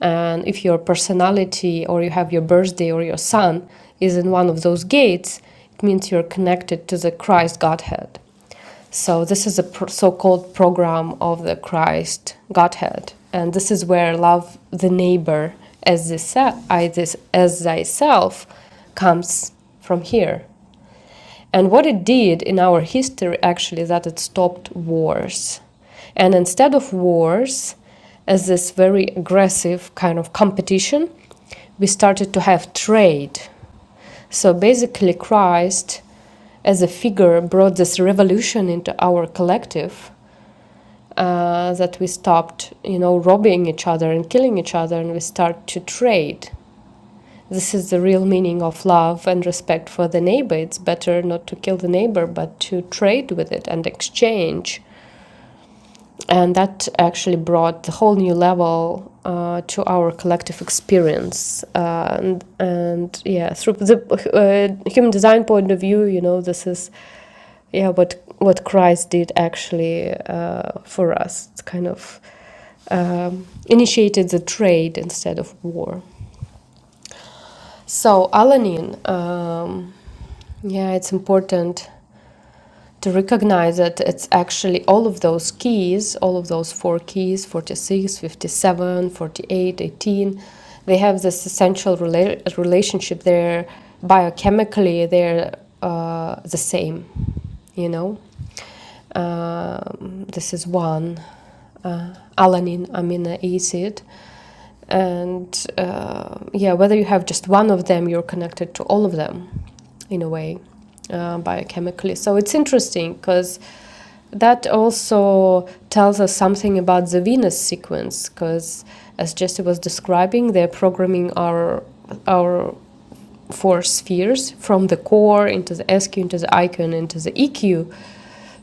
Speaker 2: and if your personality or you have your birthday or your sun is in one of those gates, it means you're connected to the Christ Godhead. So this is a pr- so-called program of the Christ Godhead, and this is where love the neighbor as this I this as thyself comes from here. And what it did in our history actually that it stopped wars. And instead of wars as this very aggressive kind of competition, we started to have trade so basically, Christ as a figure brought this revolution into our collective uh, that we stopped, you know, robbing each other and killing each other, and we start to trade. This is the real meaning of love and respect for the neighbor. It's better not to kill the neighbor, but to trade with it and exchange and that actually brought a whole new level uh, to our collective experience uh, and, and yeah through the uh, human design point of view you know this is yeah what what christ did actually uh, for us it's kind of um, initiated the trade instead of war so alanine um, yeah it's important to recognize that it's actually all of those keys, all of those four keys 46, 57, 48, 18, they have this essential rela- relationship. They're biochemically, they're uh, the same, you know? uh, this is one uh, alanine amino acid and uh, yeah whether you have just one of them you're connected to all of them in a way uh, biochemically so it's interesting because that also tells us something about the venus sequence because as jesse was describing they're programming our our four spheres from the core into the SQ, into the IQ, and into the EQ.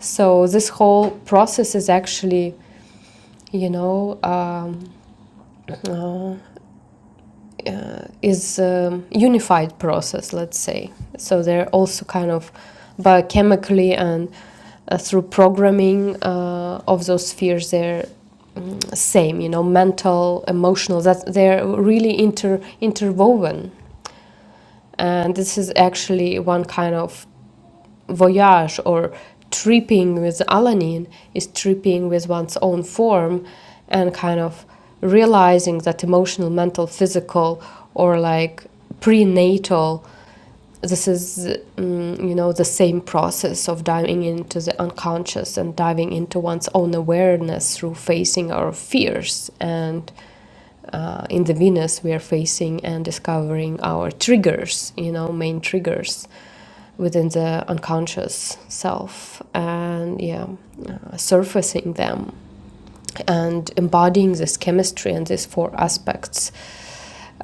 Speaker 2: So this whole process is actually, you know, um, uh, uh, is a unified process, let's say. So they're also kind of biochemically and uh, through programming uh, of those spheres, they're mm, same, you know, mental, emotional. That they're really inter interwoven. And this is actually one kind of voyage or tripping with Alanin is tripping with one's own form and kind of realizing that emotional, mental, physical, or like prenatal, this is, mm, you know, the same process of diving into the unconscious and diving into one's own awareness through facing our fears and uh, in the Venus, we are facing and discovering our triggers, you know, main triggers within the unconscious self, and yeah, uh, surfacing them and embodying this chemistry and these four aspects.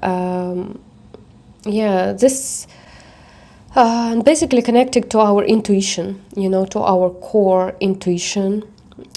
Speaker 2: Um, yeah, this uh, and basically connected to our intuition, you know, to our core intuition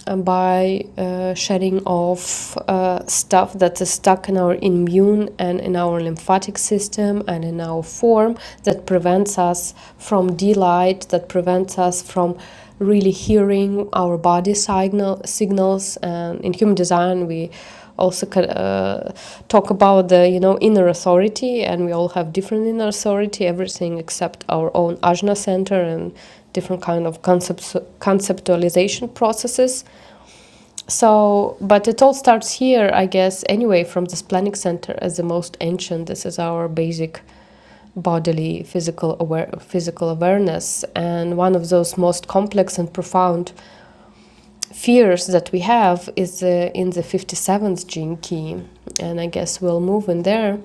Speaker 2: uh, by uh, shedding off uh, stuff that is stuck in our immune and in our lymphatic system and in our form that prevents us from delight, that prevents us from really hearing our body signal signals. And in human design, we also uh, talk about the you know inner authority and we all have different inner authority everything except our own ajna center and different kind of concepts conceptualization processes so, but it all starts here, I guess, anyway, from this planning center as the most ancient. This is our basic bodily physical aware physical awareness and one of those most complex and profound fears that we have is uh, in the 57th gene key and i guess we'll move in there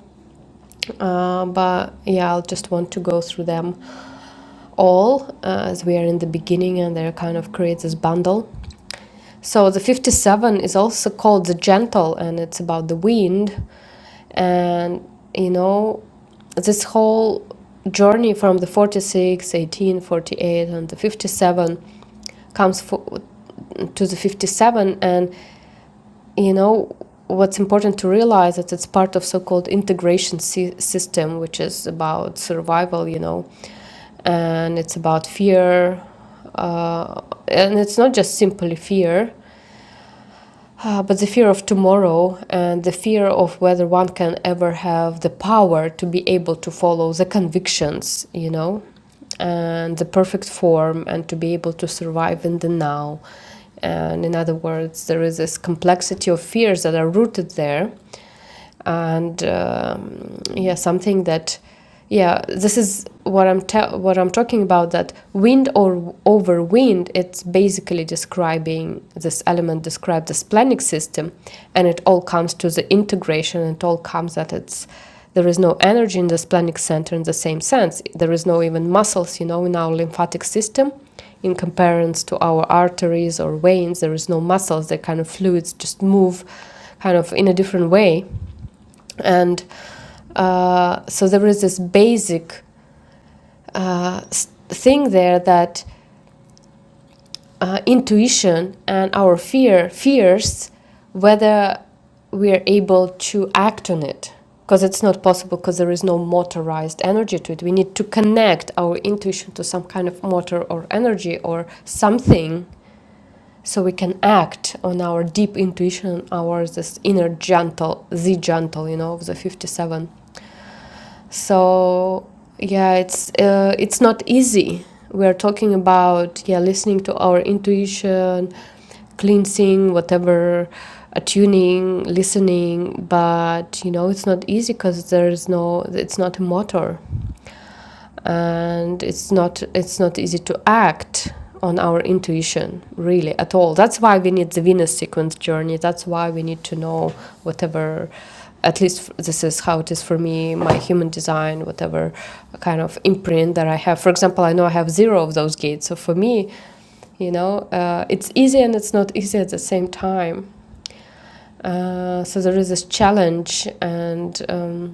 Speaker 2: uh, but yeah i'll just want to go through them all uh, as we are in the beginning and they kind of create this bundle So the 57 is also called the gentle and it's about the wind and you know this whole journey from the 46, 18, 48, and the 57 comes fo- to the 57 and you know what's important to realize that it's part of so-called integration sy- system which is about survival you know and it's about fear uh, and it's not just simply fear Uh, but the fear of tomorrow and the fear of whether one can ever have the power to be able to follow the convictions, you know, and the perfect form and to be able to survive in the now. And in other words, there is this complexity of fears that are rooted there and um, yeah something that yeah this is what i'm ta- what i'm talking about that wind or over wind it's basically describing this element describe this planning system and it all comes to the integration it all comes that it's there is no energy in this planic center in the same sense there is no even muscles you know in our lymphatic system in comparison to our arteries or veins there is no muscles they kind of fluids just move kind of in a different way and uh, so there is this basic uh, thing there that uh, intuition and our fear fears whether we are able to act on it because it's not possible because there is no motorized energy to it we need to connect our intuition to some kind of motor or energy or something so we can act on our deep intuition, our this inner gentle, the gentle, you know, of the 57. So yeah, it's uh, it's not easy. We are talking about yeah, listening to our intuition, cleansing, whatever, attuning, listening. But you know, it's not easy because there is no. It's not a motor and it's not it's not easy to act on our intuition really at all that's why we need the venus sequence journey that's why we need to know whatever at least this is how it is for me my human design whatever kind of imprint that i have for example i know i have zero of those gates so for me you know uh, it's easy and it's not easy at the same time uh, so there is this challenge and um,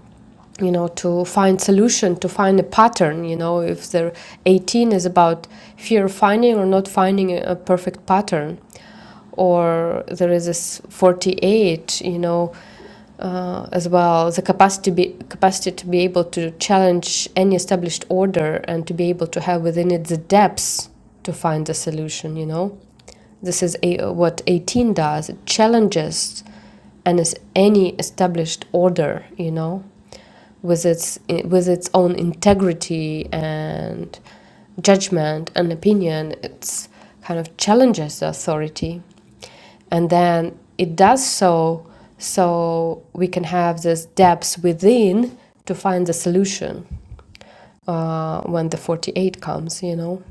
Speaker 2: you know to find solution to find a pattern you know if they're 18 is about fear of finding or not finding a perfect pattern or there is this 48 you know uh, as well the capacity be, capacity to be able to challenge any established order and to be able to have within it the depths to find the solution you know this is a, what 18 does it challenges and as any established order, you know, with its with its own integrity and judgment and opinion, it's kind of challenges the authority, and then it does so so we can have this depths within to find the solution uh, when the 48 comes you know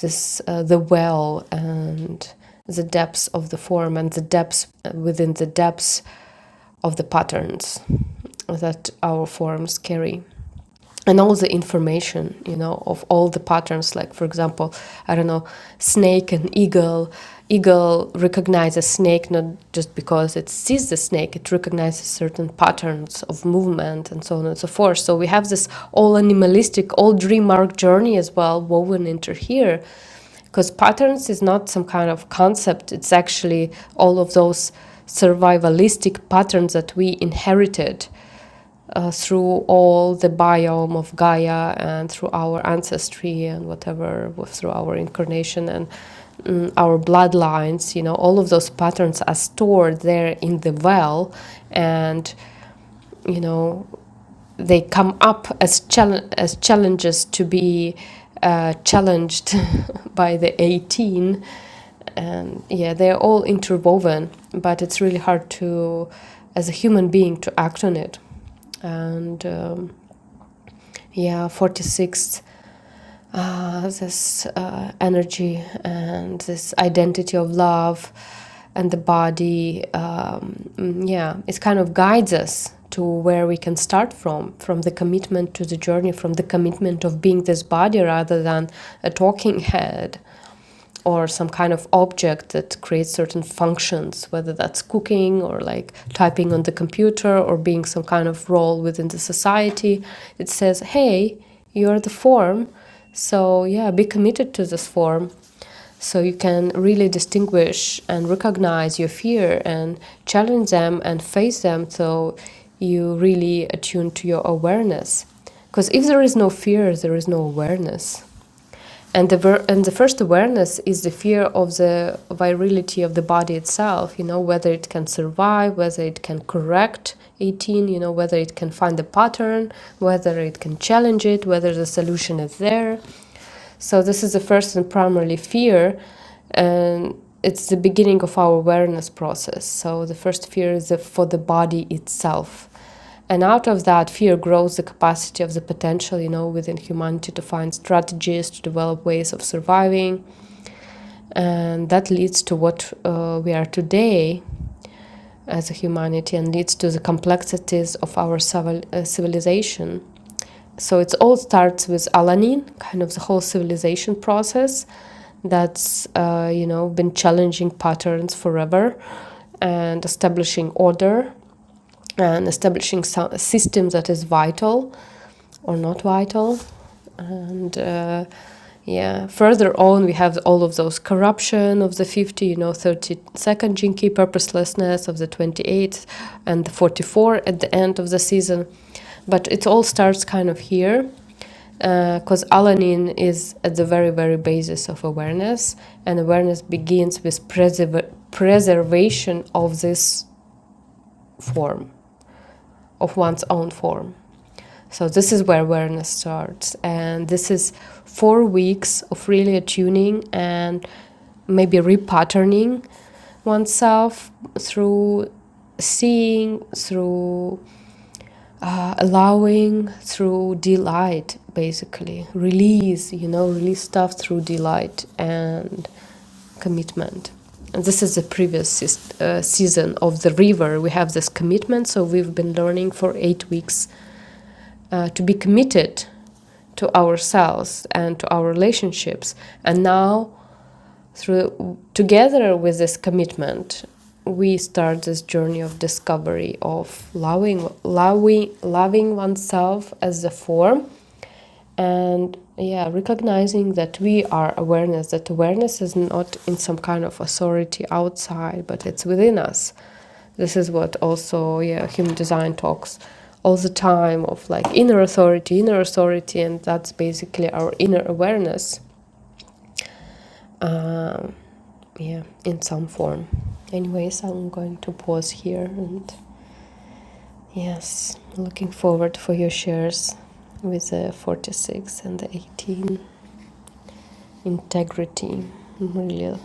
Speaker 2: this uh, the well and the depths of the form and the depths uh, within the depths of the patterns that our forms carry and all the information you know of all the patterns like for example i don't know snake and eagle eagle recognizes snake not just because it sees the snake it recognizes certain patterns of movement and so on and so forth so we have this all animalistic all dream arc journey as well woven into here because patterns is not some kind of concept it's actually all of those survivalistic patterns that we inherited uh, through all the biome of Gaia and through our ancestry and whatever, through our incarnation and mm, our bloodlines, you know, all of those patterns are stored there in the well, and you know, they come up as chal- as challenges to be uh, challenged [LAUGHS] by the 18 and yeah they're all interwoven but it's really hard to as a human being to act on it and um, yeah 46th uh, this uh, energy and this identity of love and the body um, mm, yeah it kind of guides us to where we can start from from the commitment to the journey from the commitment of being this body rather than a talking head or some kind of object that creates certain functions, whether that's cooking or like typing on the computer or being some kind of role within the society. It says, hey, you're the form. So, yeah, be committed to this form. So, you can really distinguish and recognize your fear and challenge them and face them. So, you really attune to your awareness. Because if there is no fear, there is no awareness and the and the first awareness is the fear of the virility of the body itself you know whether it can survive whether it can correct 18 you know whether it can find the pattern whether it can challenge it whether the solution is there so this is the first and primarily fear, and it's the beginning of our awareness process. So the first fear is the, for the body itself and out of that fear grows the capacity of the potential you know within humanity to find strategies to develop ways of surviving and that leads to what uh, we are today as a humanity and leads to the complexities of our civil, uh, civilization so it all starts with alanin kind of the whole civilization process that's uh, you know been challenging patterns forever and establishing order uh, and establishing some, system that is vital or not vital. And uh, yeah, further on, we have all of those corruption of the 50, you know, 32nd Jinki, purposelessness of the 28th, and the 44 at the end of the season. But it all starts kind of here because uh, alanin is at the very very basis of awareness and awareness begins with preserv- preservation of this form of one's own form. So this is where awareness starts, and this is four weeks of really attuning and maybe repatterning oneself through seeing, through uh, allowing through delight basically release you know release stuff through delight and commitment and this is the previous seas- uh, season of the river we have this commitment so we've been learning for eight weeks uh, to be committed to ourselves and to our relationships. And now, through together with this commitment, we start this journey of discovery of loving, loving, loving oneself as a form, and yeah, recognizing that we are awareness. That awareness is not in some kind of authority outside, but it's within us this is what also, yeah, human design talks all the time of like inner authority, inner authority, and that's basically our inner awareness. Um, yeah, in some form. Anyways, I'm going to pause here and yes, looking forward for your shares with the 46 and the 18 integrity. I'm really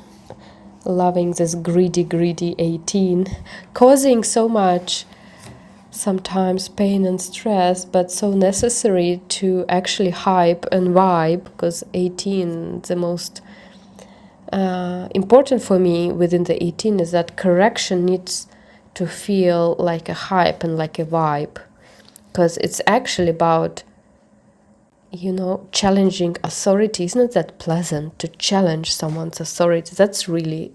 Speaker 2: loving this greedy, greedy 18, causing so much. sometimes pain and stress, but so necessary to actually hype and vibe because 18 the most uh, important for me within the 18 is that correction needs to feel like a hype and like a vibe because it's actually about you know, challenging authority. It's not that pleasant to challenge someone's authority. That's really,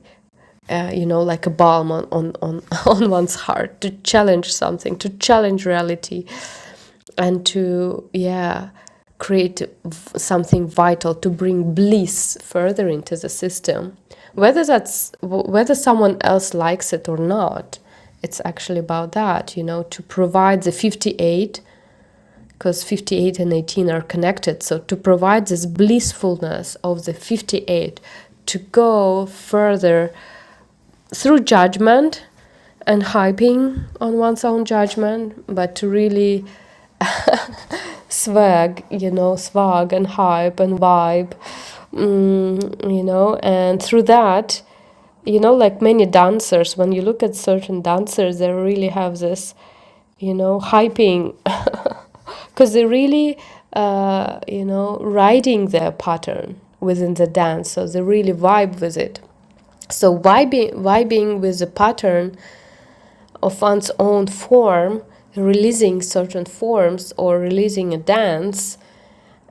Speaker 2: uh, you know, like a balm on, on, on, [LAUGHS] on one's heart to challenge something, to challenge reality, and to, yeah, create v- something vital to bring bliss further into the system. Whether that's wh- whether someone else likes it or not, it's actually about that, you know, to provide the 58 because 58 and 18 are connected. So to provide this blissfulness of the 58, to go further through judgment and hyping on one's own judgment, but to really [LAUGHS] swag, you know, swag and hype and vibe, mm, you know, and through that, you know, like many dancers, when you look at certain dancers, they really have this, you know, hyping, [LAUGHS] because they really, uh, you know, riding their pattern within the dance, so they really vibe with it. So vibing, vibing with the pattern of one's own form, releasing certain forms or releasing a dance,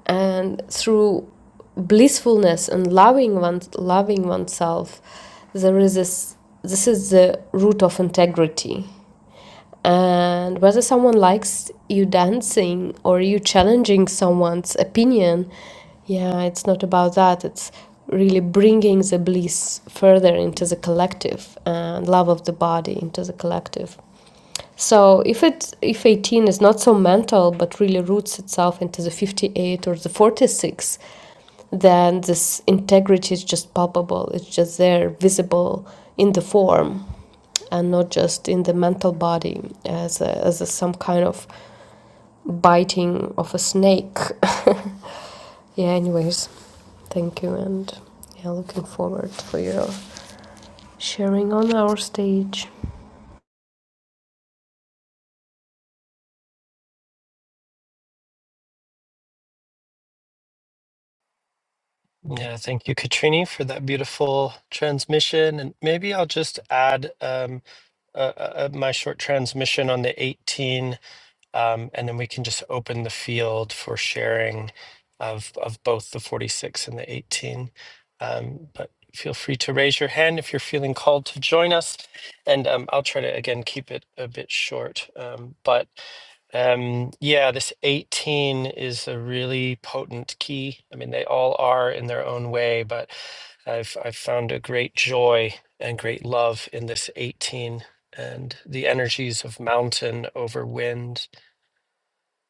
Speaker 2: and through blissfulness and loving one, loving oneself, there is this. This is the root of integrity. And whether someone likes you dancing or you challenging someone's opinion, yeah, it's not about that. It's really bringing the bliss further into the collective and love of the body into the collective. So if it if 18 is not so mental but really roots itself into the 58 or the 46, then this integrity is just palpable. It's just there, visible in the form and not just in the mental body as a, as a, some kind of biting of a snake. Yeah. Anyways, thank you and yeah, looking forward for your sharing on our stage.
Speaker 1: Yeah, thank you, Katrini, for that beautiful transmission. And maybe I'll just add um, uh, uh, uh, my short transmission on the 18. Um, and then we can just open the field for sharing of, of both the 46 and the 18. Um, but feel free to raise your hand if you're feeling called to join us. And um, I'll try to, again, keep it a bit short. Um, but um, yeah, this 18 is a really potent key. I mean, they all are in their own way, but I've, I've found a great joy and great love in this 18 and the energies of mountain over wind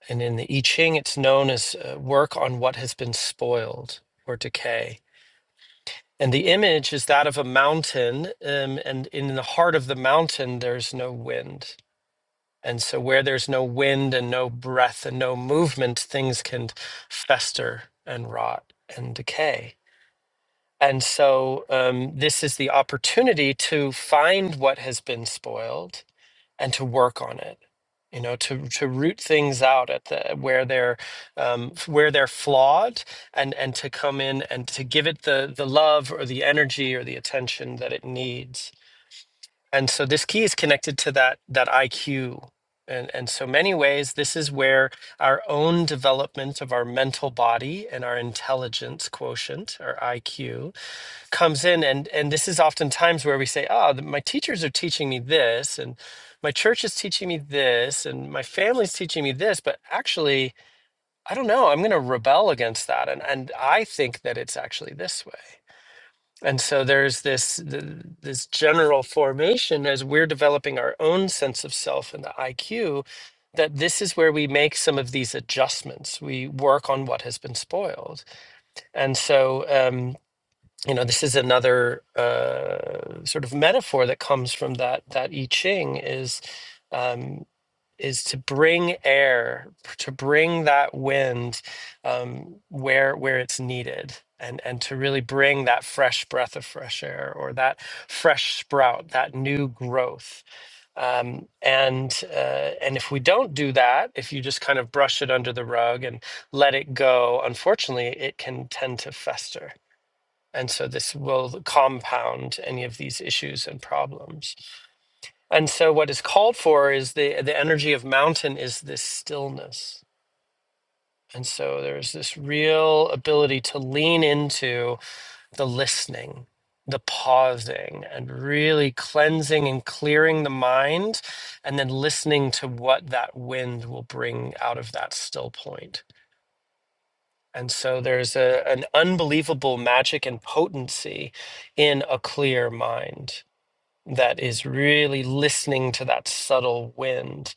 Speaker 1: and in the I Ching, it's known as uh, work on what has been spoiled or decay. And the image is that of a mountain. Um, and in the heart of the mountain, there's no wind. And so, where there's no wind and no breath and no movement, things can fester and rot and decay. And so, um, this is the opportunity to find what has been spoiled and to work on it you know to to root things out at the where they're um, where they're flawed and and to come in and to give it the the love or the energy or the attention that it needs and so this key is connected to that that IQ and and so many ways this is where our own development of our mental body and our intelligence quotient our IQ comes in and and this is oftentimes where we say oh the, my teachers are teaching me this and my church is teaching me this and my family's teaching me this but actually i don't know i'm going to rebel against that and and i think that it's actually this way and so there's this th- this general formation as we're developing our own sense of self and the iq that this is where we make some of these adjustments we work on what has been spoiled and so um, you know this is another uh, sort of metaphor that comes from that that I Ching is um, is to bring air to bring that wind um, where where it's needed and and to really bring that fresh breath of fresh air or that fresh sprout that new growth um, and uh, and if we don't do that if you just kind of brush it under the rug and let it go unfortunately it can tend to fester and so this will compound any of these issues and problems. And so what is called for is the the energy of mountain is this stillness. And so there's this real ability to lean into the listening, the pausing, and really cleansing and clearing the mind, and then listening to what that wind will bring out of that still point. And so there's a, an unbelievable magic and potency in a clear mind that is really listening to that subtle wind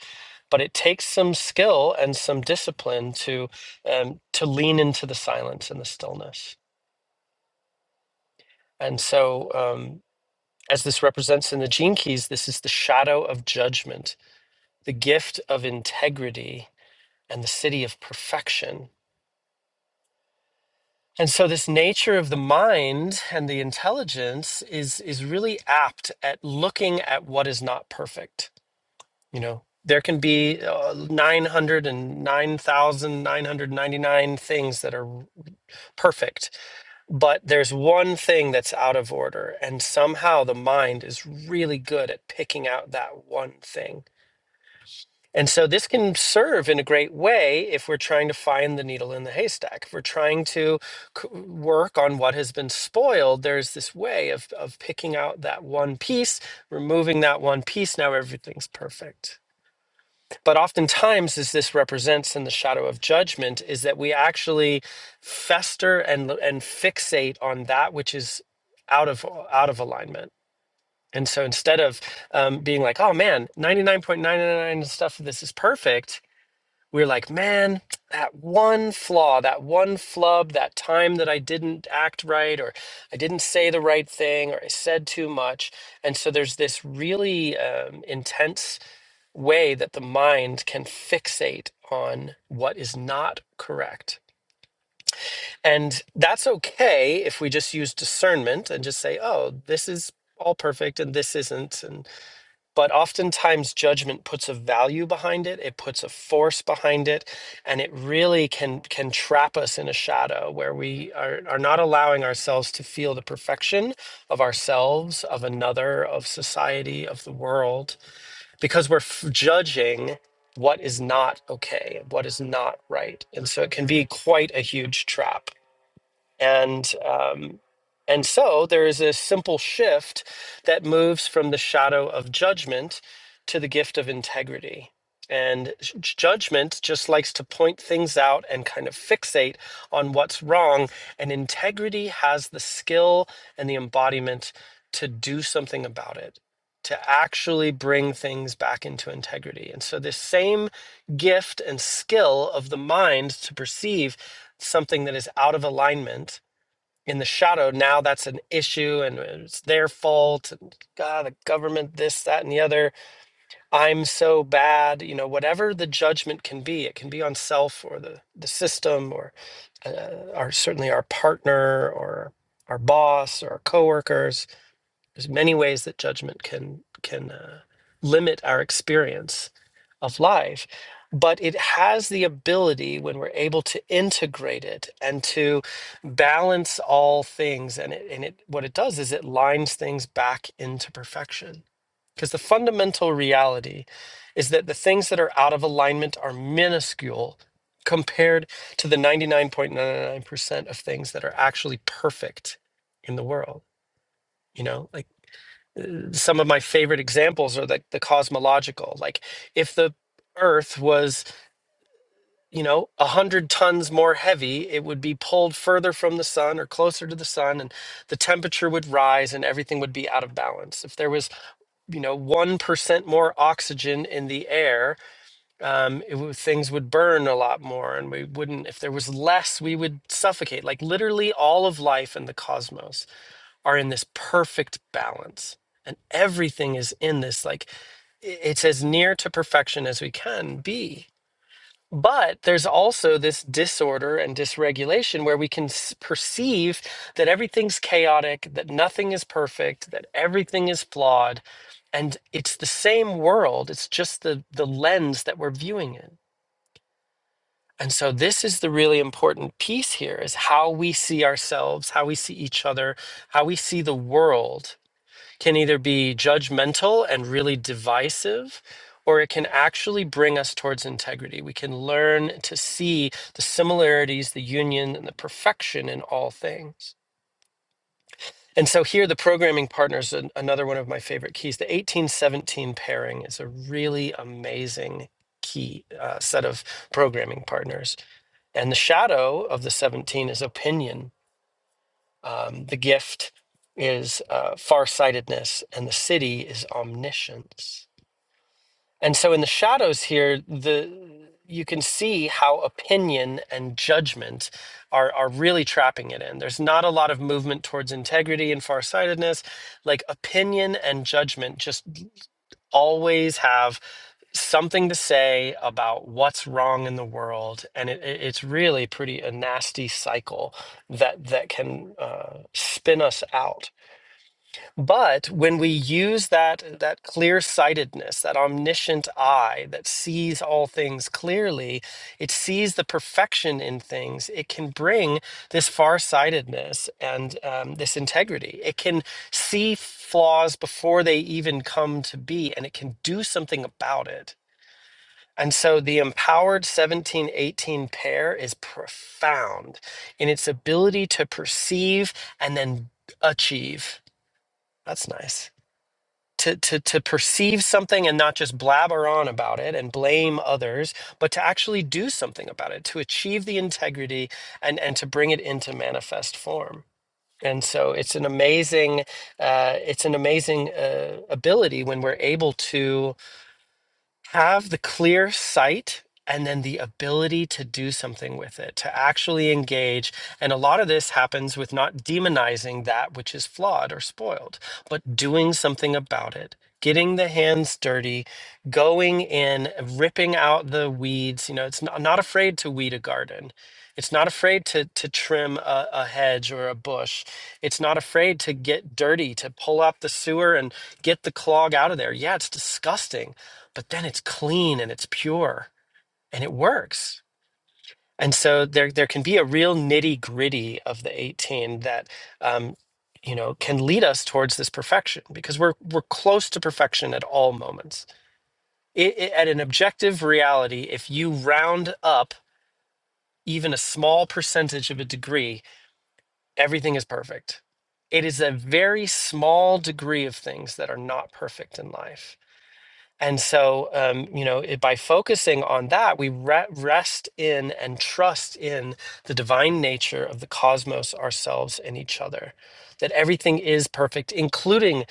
Speaker 1: but it takes some skill and some discipline to um, to lean into the silence and the stillness and so um, as this represents in the gene keys this is the shadow of judgment the gift of integrity and the city of perfection and so this nature of the mind and the intelligence is is really apt at looking at what is not perfect You know, there can be uh, 909,999 things that are perfect, but there's one thing that's out of order. And somehow the mind is really good at picking out that one thing. And so this can serve in a great way if we're trying to find the needle in the haystack. If we're trying to c- work on what has been spoiled, there's this way of, of picking out that one piece, removing that one piece. Now everything's perfect but oftentimes as this represents in the shadow of judgment is that we actually fester and and fixate on that which is out of out of alignment and so instead of um, being like oh man 99.999 stuff of this is perfect we're like man that one flaw that one flub that time that i didn't act right or i didn't say the right thing or i said too much and so there's this really um, intense way that the mind can fixate on what is not correct. And that's okay if we just use discernment and just say, oh, this is all perfect and this isn't and but oftentimes judgment puts a value behind it it puts a force behind it and it really can can trap us in a shadow where we are, are not allowing ourselves to feel the perfection of ourselves of another of society of the world because we're f- judging what is not okay, what is not right. And so it can be quite a huge trap. And um, and so there is a simple shift that moves from the shadow of judgment to the gift of integrity. And j- judgment just likes to point things out and kind of fixate on what's wrong. And integrity has the skill and the embodiment to do something about it, to actually bring things back into integrity. And so, this same gift and skill of the mind to perceive something that is out of alignment in the shadow now that's an issue and it's their fault and god the government this that and the other i'm so bad you know whatever the judgment can be it can be on self or the the system or uh, our certainly our partner or our boss or our coworkers there's many ways that judgment can can uh, limit our experience of life, but it has the ability when we're able to integrate it and to balance all things. And it, and it what it does is it lines things back into perfection. Because the fundamental reality is that the things that are out of alignment are minuscule compared to the 99.99% of things that are actually perfect in the world. You know, like some of my favorite examples are like the cosmological like if the earth was you know a hundred tons more heavy it would be pulled further from the sun or closer to the sun and the temperature would rise and everything would be out of balance if there was you know one percent more oxygen in the air um, it would, things would burn a lot more and we wouldn't if there was less we would suffocate like literally all of life in the cosmos are in this perfect balance and everything is in this like i- it's as near to perfection as we can be but there's also this disorder and dysregulation where we can s- perceive that everything's chaotic that nothing is perfect that everything is flawed and it's the same world it's just the the lens that we're viewing it and so this is the really important piece here is how we see ourselves how we see each other how we see the world can either be judgmental and really divisive, or it can actually bring us towards integrity. We can learn to see the similarities, the union, and the perfection in all things. And so here, the programming partner is an- another one of my favorite keys. The 1817 pairing is a really amazing key uh, set of programming partners. And the shadow of the 17 is opinion um, the gift is uh, farsightedness, and the city is omniscience. And so, in the shadows here, the you can see how opinion and judgment are are really trapping it in. There's not a lot of movement towards integrity and farsightedness. Like opinion and judgment just always have something to say about what's wrong in the world and it, it- it's really pretty a nasty cycle that that can uh, spin us out but when we use that that clear-sightedness that omniscient eye that sees all things clearly it sees the perfection in things it can bring this far-sightedness and um, this integrity it can see flaws before they even come to be and it can do something about it and so the empowered 17 18 pair is profound in its ability to perceive and then achieve. That's nice. To, to, to perceive something and not just blabber on about it and blame others, but to actually do something about it, to achieve the integrity and, and to bring it into manifest form. And so it's an amazing, uh, it's an amazing uh, ability when we're able to have the clear sight and then the ability to do something with it, to actually engage. And a lot of this happens with not demonizing that which is flawed or spoiled, but doing something about it, getting the hands dirty, going in, ripping out the weeds. You know, it's not, not afraid to weed a garden. It's not afraid to, to trim a, a hedge or a bush. It's not afraid to get dirty, to pull up the sewer and get the clog out of there. Yeah, it's disgusting but then it's clean and it's pure and it works. And so there there can be a real nitty gritty of the 18 that um, you know can lead us towards this perfection because we're we're close to perfection at all moments. It, it- at an objective reality, if you round up even a small percentage of a degree, everything is perfect. It is a very small degree of things that are not perfect in life And so, um, you know, it, by focusing on that, we re- rest in and trust in the divine nature of the cosmos, ourselves, and each other. That everything is perfect, including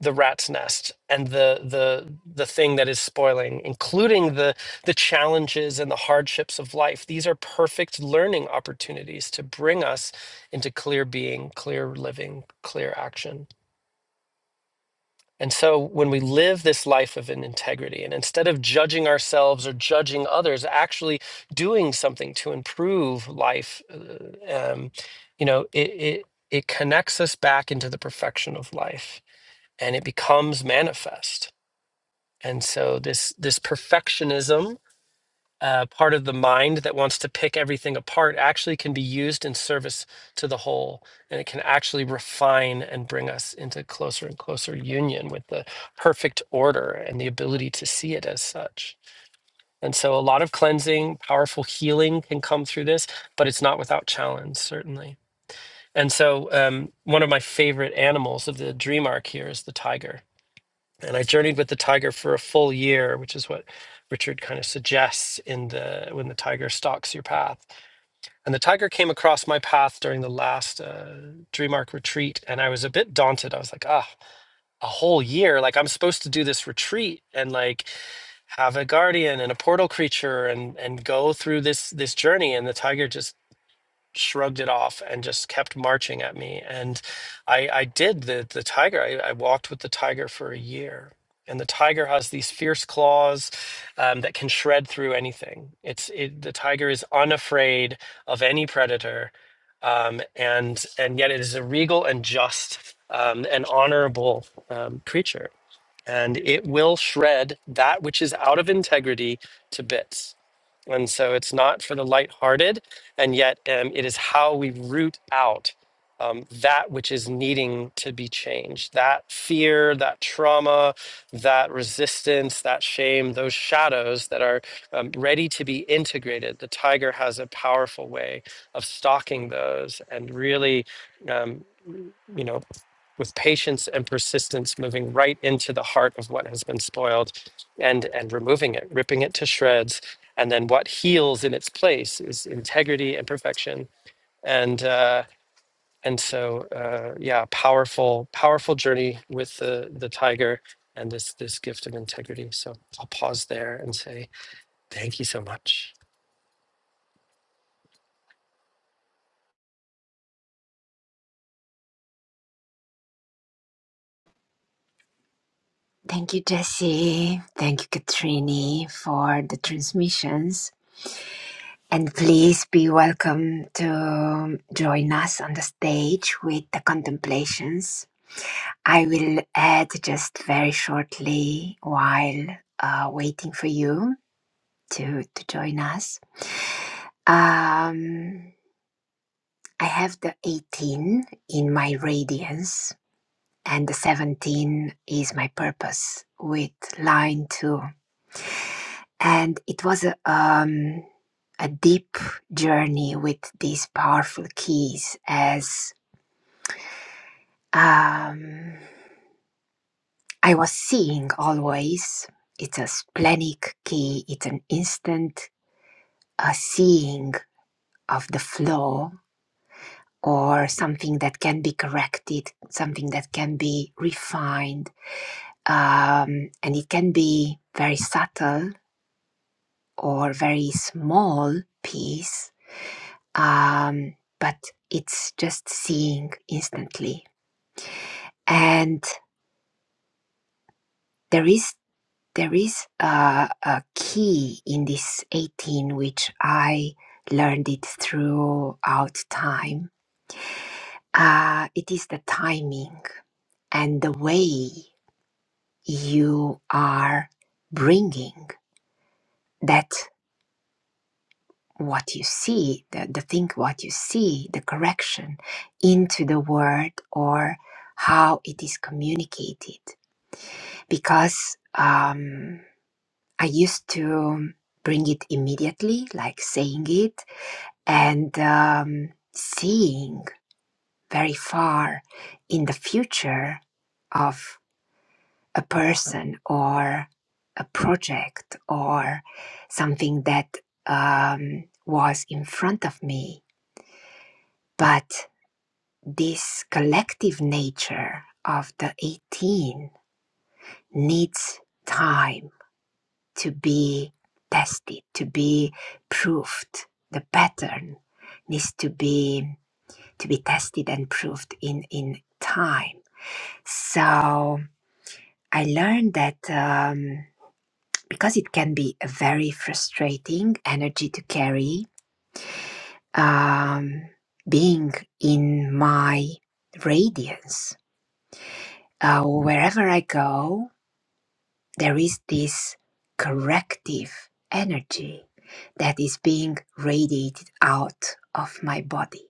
Speaker 1: the rat's nest and the the the thing that is spoiling, including the the challenges and the hardships of life. These are perfect learning opportunities to bring us into clear being, clear living, clear action. And so when we live this life of an integrity and instead of judging ourselves or judging others, actually doing something to improve life, uh, um, you know, it, it, it connects us back into the perfection of life and it becomes manifest. And so this this perfectionism uh, part of the mind that wants to pick everything apart actually can be used in service to the whole. And it can actually refine and bring us into closer and closer union with the perfect order and the ability to see it as such. And so a lot of cleansing, powerful healing can come through this, but it's not without challenge, certainly. And so um, one of my favorite animals of the dream arc here is the tiger and I journeyed with the tiger for a full year, which is what Richard kind of suggests in the when the tiger stalks your path. And the tiger came across my path during the last uh, Dream Arc retreat, and I was a bit daunted. I was like, ah, a whole year? Like I'm supposed to do this retreat and like have a guardian and a portal creature and and go through this this journey. And the tiger just shrugged it off and just kept marching at me. And I, I did the the tiger. I, I walked with the tiger for a year. And the tiger has these fierce claws um, that can shred through anything. It's it, the tiger is unafraid of any predator, um, and and yet it is a regal and just um, and honorable um, creature. And it will shred that which is out of integrity to bits. And so it's not for the lighthearted, and yet um, it is how we root out um, that which is needing to be changed that fear, that trauma, that resistance, that shame, those shadows that are um, ready to be integrated. The tiger has a powerful way of stalking those and really. Um, you know, with patience and persistence, moving right into the heart of what has been spoiled and, and removing it, ripping it to shreds. And then what heals in its place is integrity and perfection. And, uh, and so, uh, yeah, powerful, powerful journey with the, the tiger and this, this gift of integrity. So I'll pause there and say, thank you so much.
Speaker 3: Thank you, Jesse. Thank you, Katrini, for the transmissions. And please be welcome to join us on the stage with the contemplations I will add just very shortly while uh, waiting for you to, to join us. Um, I have the 18 in my radiance, and the 17 is my purpose with line two. And it was a, um, a deep journey with these powerful keys as. Um, I was seeing always. It's a splenic key, it's an instant uh, seeing of the flaw or something that can be corrected, something that can be refined. Um, and it can be very subtle or very small piece, um, but it's just seeing instantly. And there is There is a, a key in this 18 which I learned it throughout time. Uh, it is the timing and the way you are bringing that what you see, the, the thing what you see, the correction into the word or how it is communicated. Because um, I used to bring it immediately, like saying it and um, seeing very far in the future of a person or a project or something that um, was in front of me. But this collective nature of the 18 needs time to be tested, to be proved. The pattern needs to be to be tested and proved in in time. So I learned that um, because it can be a very frustrating energy to carry, um, being in my radiance uh, wherever I go, there is this corrective energy that is being radiated out of my body.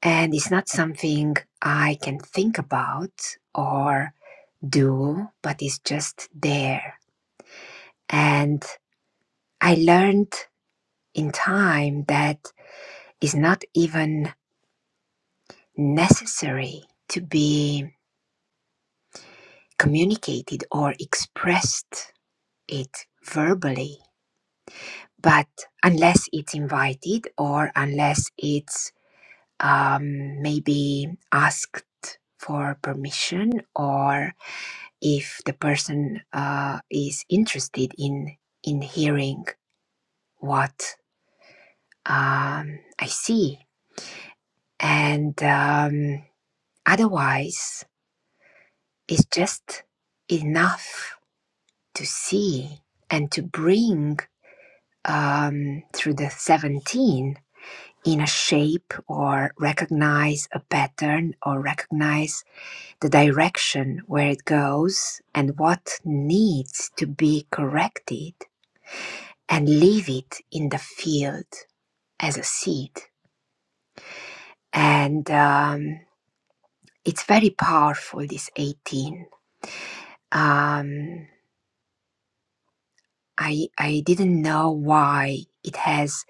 Speaker 3: And it's not something I can think about or do, but it's just there. And I learned in time that it's not even necessary to be communicated or expressed it verbally, but unless it's invited or unless it's um, maybe asked for permission or if the person uh, is interested in in hearing what Um, I see. And um, otherwise, it's just enough to see and to bring um, through the 17 in a shape or recognize a pattern or recognize the direction where it goes and what needs to be corrected and leave it in the field as a seed. And um, it's very powerful this 18 um i i didn't know why it has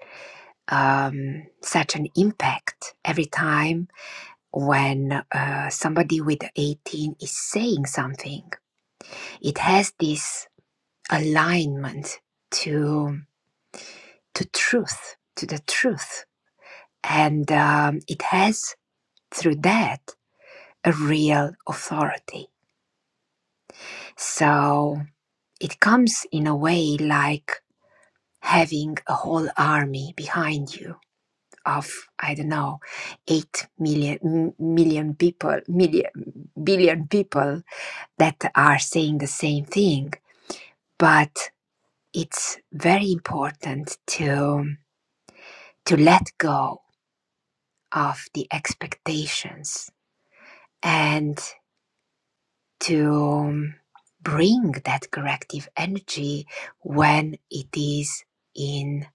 Speaker 3: um such an impact every time when uh, somebody with 18 is saying something it has this alignment to to truth to the truth and um, it has through that a real authority so it comes in a way like having a whole army behind you of i don't know 8 million m- million people million billion people that are saying the same thing but it's very important to to let go of the expectations and to um, bring that corrective energy when it is in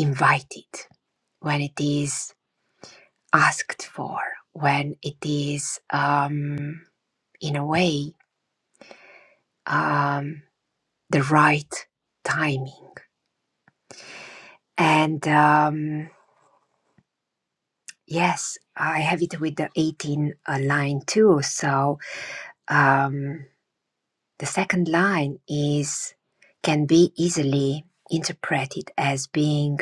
Speaker 3: invited when it is asked for when it is, um, in a way, um, the right timing. And um, yes, I have it with the 18 uh, line too. So um, the second line is can be easily interpreted as being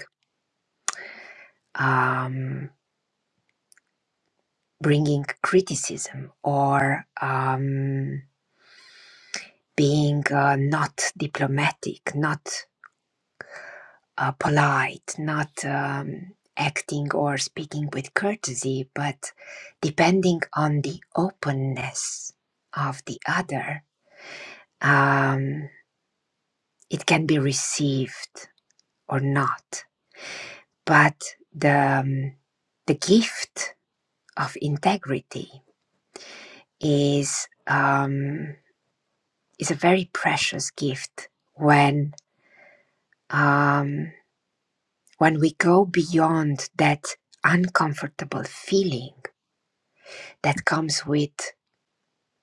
Speaker 3: um, bringing criticism or um, being uh, not diplomatic, not uh, polite, not um, acting or speaking with courtesy, but depending on the openness of the other, um, it can be received or not. But the um, the gift of integrity is um, is a very precious gift when um, when we go beyond that uncomfortable feeling that comes with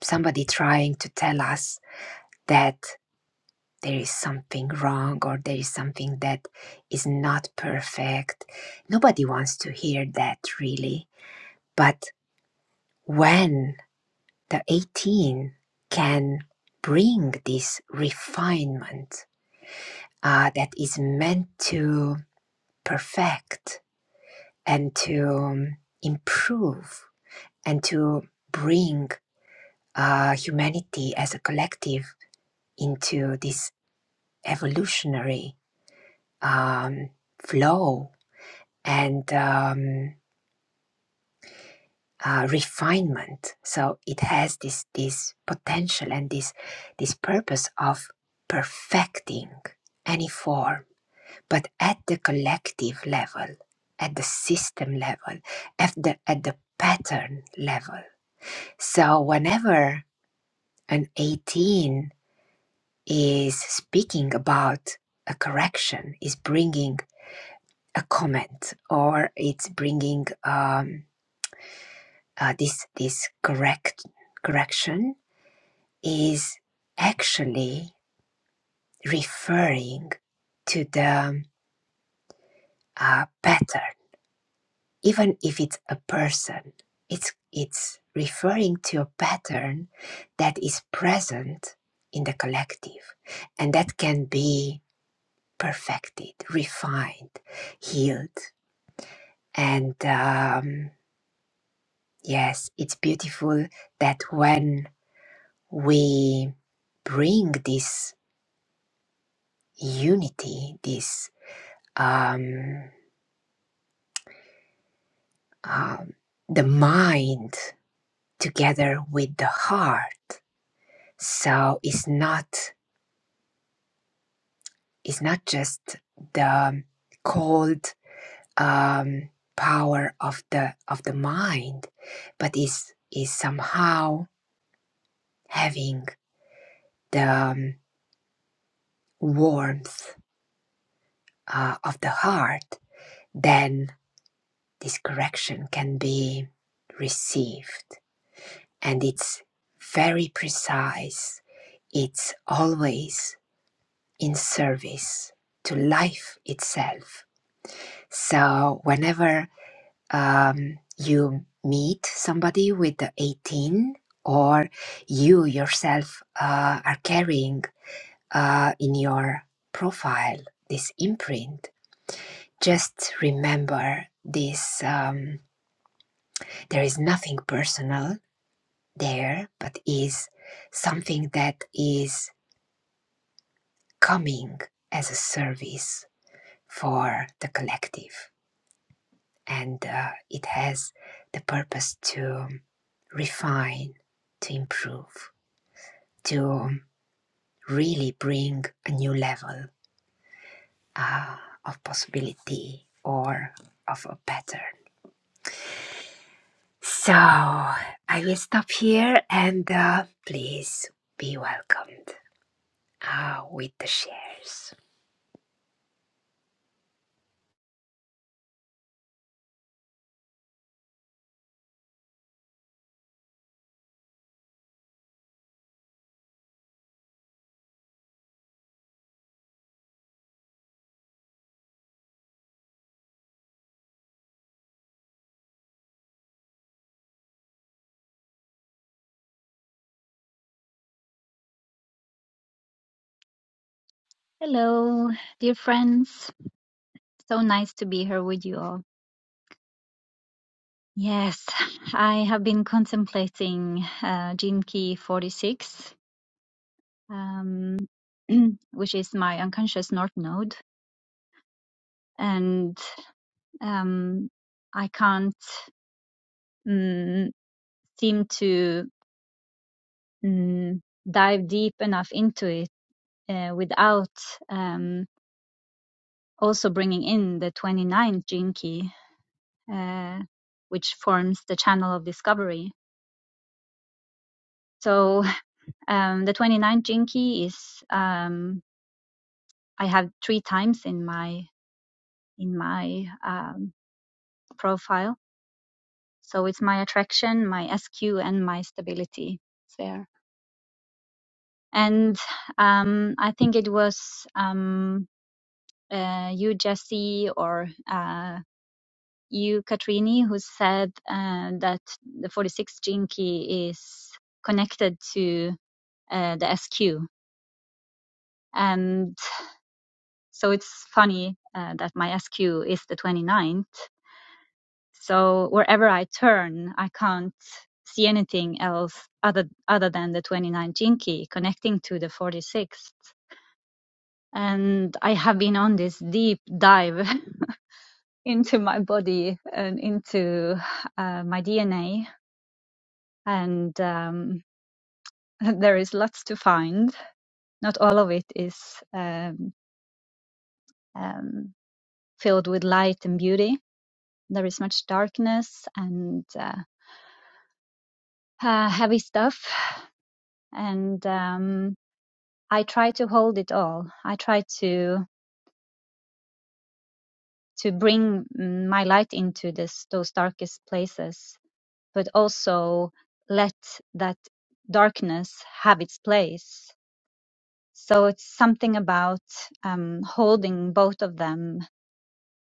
Speaker 3: somebody trying to tell us that there is something wrong or there is something that is not perfect. Nobody wants to hear that really. But when the 18 can bring this refinement uh, that is meant to perfect and to um, improve and to bring uh, humanity as a collective into this evolutionary um, flow and um, uh, refinement. So it has this this potential and this this purpose of perfecting any form, but at the collective level, at the system level, at the at the pattern level. So whenever an 18 is speaking about a correction, is bringing a comment or it's bringing um, uh, this this correct correction is actually referring to the um, uh, pattern even if it's a person it's it's referring to a pattern that is present in the collective and that can be perfected refined healed and um, Yes, it's beautiful that when we bring this unity, this um, um, the mind together with the heart, so it's not it's not just the cold um, power of the of the mind, but is is somehow having the um, warmth uh, of the heart. Then this correction can be received and it's very precise. It's always in service to life itself. So, whenever um, you meet somebody with the 18, or you yourself uh, are carrying uh, in your profile this imprint, just remember this um, there is nothing personal there, but is something that is coming as a service for the collective. And uh, it has the purpose to refine, to improve, to really bring a new level uh, of possibility or of a pattern. So I will stop here and uh, please be welcomed uh, with the shares.
Speaker 4: Hello, dear friends. So nice to be here with you all. Yes, [LAUGHS] I have been contemplating uh, Jinki 46, um, [CLEARS THROAT] which is my unconscious north node, and um, I can't mm, seem to mm, dive deep enough into it uh, without um, also bringing in the 29th Jinki, uh, which forms the channel of discovery. So Um, the 29 Jinki is um, I have three times in my in my um, profile. So it's my attraction, my SQ, and my stability there. And um, I think it was um, uh, you, Jesse, or uh, you, Katrini, who said uh, that the 46 Jinki is connected to uh, the SQ. and. So it's funny uh, that my SQ is the 29th. So wherever I turn, I can't see anything else other other than the 29 jinki connecting to the 46th. And I have been on this deep dive [LAUGHS] into my body and into uh, my DNA. And um, [LAUGHS] there is lots to find. Not all of it is um, um, filled with light and beauty there is much darkness and uh, uh, heavy stuff, and um, I try to hold it all. I try to to bring mm, my light into this those darkest places, but also let that darkness have its place. So it's something about um, holding both of them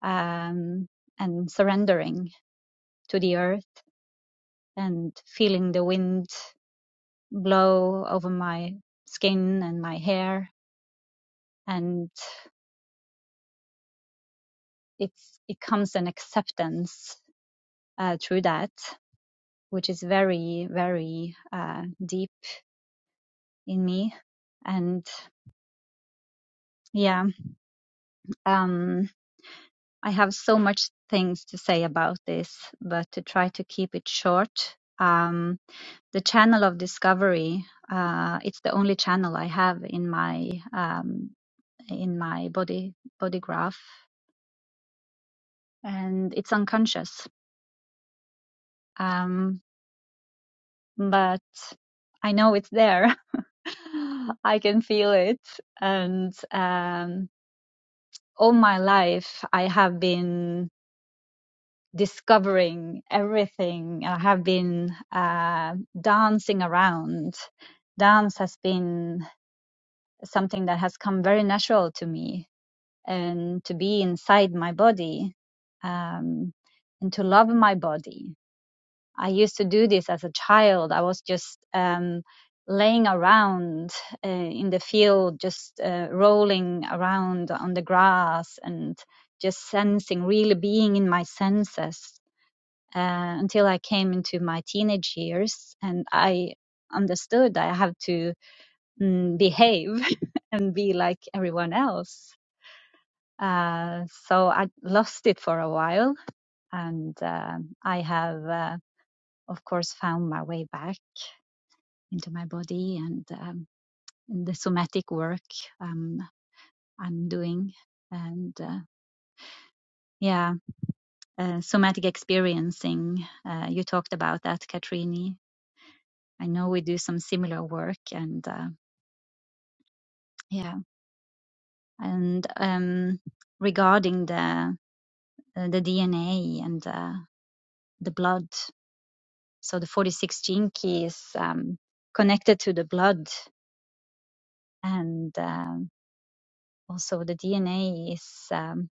Speaker 4: um, and surrendering to the earth and feeling the wind blow over my skin and my hair and it's it comes an acceptance uh, through that, which is very very uh, deep in me. And yeah, um, I have so much things to say about this, but to try to keep it short. Um, the channel of discovery, uh, it's the only channel I have in my um, in my body body graph, and it's unconscious. Um, but I know it's there. [LAUGHS] [LAUGHS] I can feel it. And um, all my life, I have been discovering everything. I have been uh, dancing around. Dance has been something that has come very natural to me and to be inside my body um, and to love my body I used to do this as a child. I was just um, laying around uh, in the field, just uh, rolling around on the grass and just sensing, really being in my senses uh, until I came into my teenage years and I understood I have to mm, behave [LAUGHS] and be like everyone else. Uh, so I lost it for a while and um I have. Uh, of course, found my way back into my body and um, the somatic work um, I'm doing. And uh, yeah, uh, somatic experiencing. Uh, you talked about that, Katrini. I know we do some similar work, and uh, yeah, and um, regarding the uh, the DNA and uh, the blood. So the 46 gene key is um, connected to the blood, and um also the DNA is. um,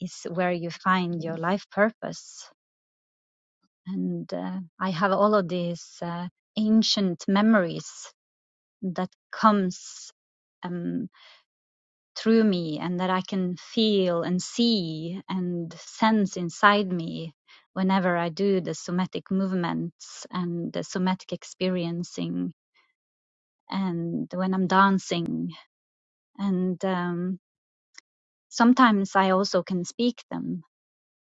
Speaker 4: is where you find your life purpose. And uh, I have all of these uh, ancient memories that comes um, through me and that I can feel and see and sense inside me whenever I do the somatic movements and the somatic experiencing and when I'm dancing. And um, sometimes I also can speak them.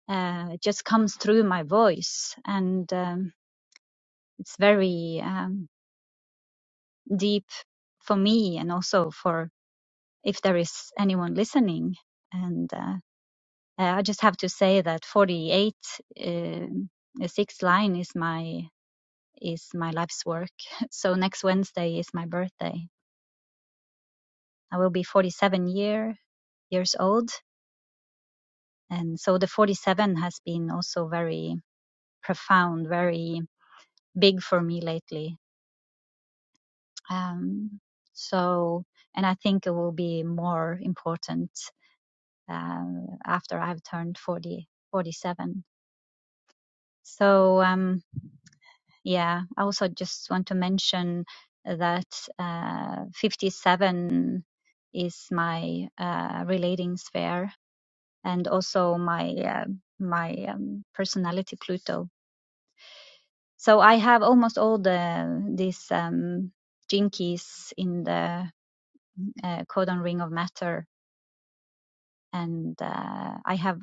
Speaker 4: Uh, it just comes through my voice. And um, it's very um, deep for me and also for if there is anyone listening and uh, i just have to say that 48 um, the sixth line is my is my life's work [LAUGHS] so next wednesday is my birthday i will be 47 year years old and so the 47 has been also very profound very big for me lately um, so and i think it will be more important um, after I've turned 40, 47. So, um, yeah, I also just want to mention that uh, 57 is my uh, relating sphere and also my uh, my um, personality Pluto. So I have almost all the these um, jinkies in the uh, codon ring of matter, and uh, I have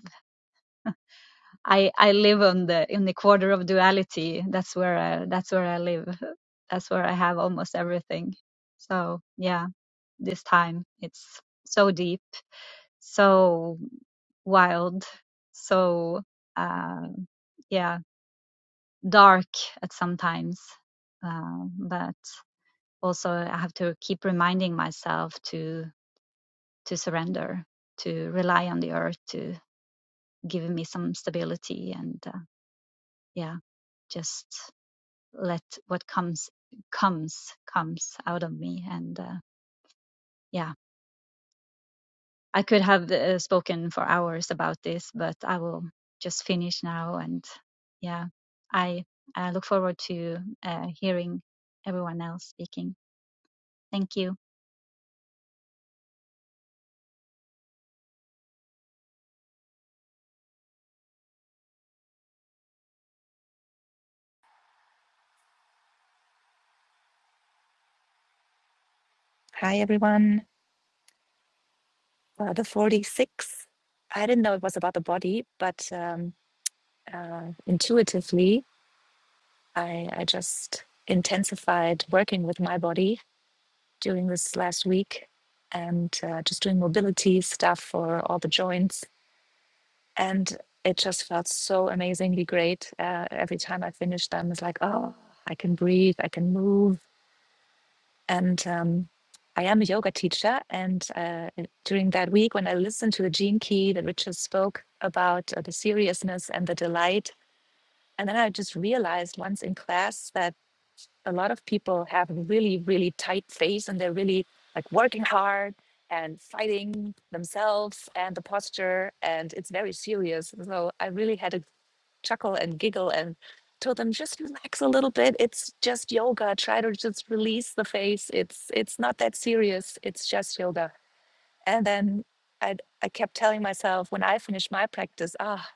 Speaker 4: I I live on the in the quarter of duality. That's where I, that's where I live. That's where I have almost everything. So yeah, this time it's so deep, so wild, so uh, yeah, dark at sometimes. Uh, but also I have to keep reminding myself to to surrender, to rely on the earth, to give me some stability, and uh, yeah, just. let what comes comes comes out of me and uh, yeah i could have uh, spoken for hours about this but i will just finish now and yeah i i look forward to uh, hearing everyone else speaking thank you
Speaker 5: Hi, everyone. Uh, the 46. I didn't know it was about the body, but um, uh, intuitively, I, I just intensified working with my body during this last week and uh, just doing mobility stuff for all the joints. And it just felt so amazingly great. Uh, every time I finished them, it's like, oh, I can breathe, I can move And um, I am a yoga teacher. And uh, during that week, when I listened to the Gene Key that Richard spoke about uh, the seriousness and the delight, and then I just realized once in class that a lot of people have really, really tight face and they're really like working hard and fighting themselves and the posture, and it's very serious. So I really had a chuckle and giggle and told them just relax a little bit. It's just yoga. Try to just release the face. It's it's not that serious. It's just yoga. And then I I kept telling myself when I finished my practice, ah,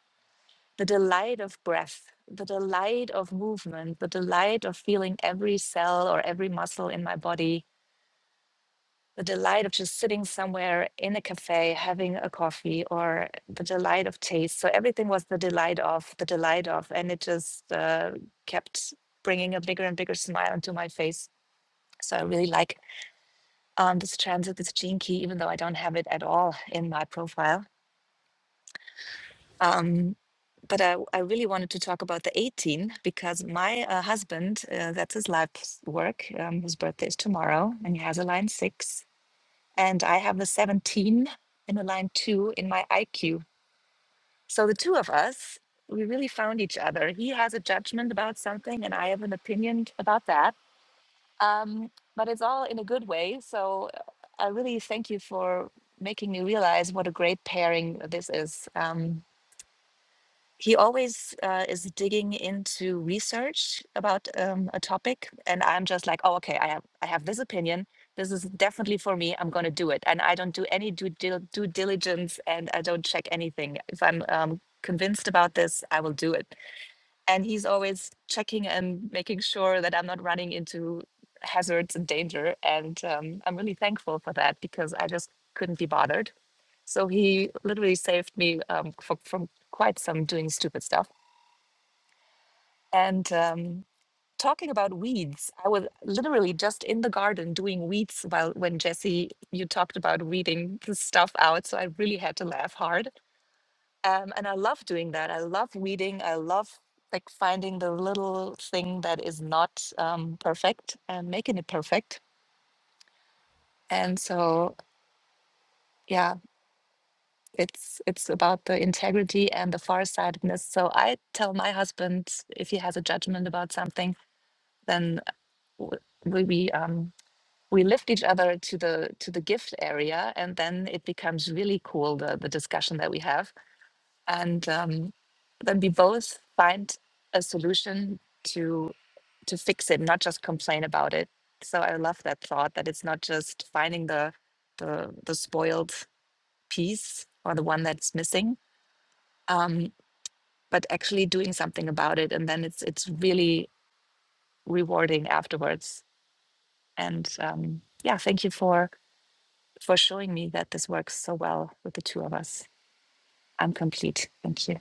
Speaker 5: the delight of breath, the delight of movement, the delight of feeling every cell or every muscle in my body the delight of just sitting somewhere in a cafe having a coffee or the delight of taste so everything was the delight of the delight of and it just uh, kept bringing a bigger and bigger smile onto my face so i really like um, this transit this gene key even though i don't have it at all in my profile um, but I, I really wanted to talk about the 18 because my uh, husband, uh, that's his life's work. Um, his birthday is tomorrow and he has a line six. and I have a 17 in a line two in my IQ. So the two of us, we really found each other. He has a judgment about something, and I have an opinion about that. Um, but it's all in a good way. So uh, I really thank you for making me realize what a great pairing this is. Um, he always uh, is digging into research about um, a topic and i'm just like oh okay i have i have this opinion this is definitely for me i'm going to do it and i don't do any due, dil- due diligence and i don't check anything if i'm um, convinced about this i will do it and he's always checking and making sure that i'm not running into hazards and danger and um, i'm really thankful for that because i just couldn't be bothered so he literally saved me um, fro- from quite some doing stupid stuff and um, talking about weeds, I was literally just in the garden doing weeds while when Jesse, you talked about weeding the stuff out. So I really had to laugh hard. Um, and I love doing that. I love weeding. I love like finding the little thing that is not um, perfect and making it perfect. And so, yeah, it's it's about the integrity and the farsightedness. So I tell my husband if he has a judgment about something, then w- we we, um, we lift each other to the to the gift area and then it becomes really cool the the discussion that we have and um, then we both find a solution to to fix it not just complain about it so i love that thought that it's not just finding the the the spoiled piece or the one that's missing um, but actually doing something about it and then it's it's really rewarding afterwards and um, yeah thank you for for showing me that this works so well with the two of us. I'm complete. Thank you.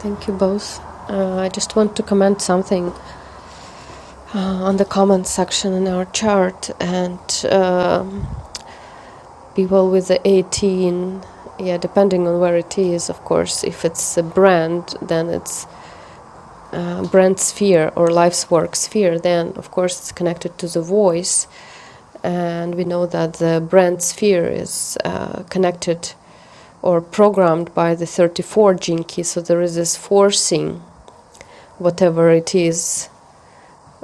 Speaker 2: Thank you both. Uh, I just want to comment something. uh, on the comment section in our chart and um people with the 18 yeah depending on where it is of course if it's a brand then it's uh, brand sphere or life's work sphere then of course it's connected to the voice and we know that the brand sphere is uh, connected or programmed by the 34 gene key so there is this forcing whatever it is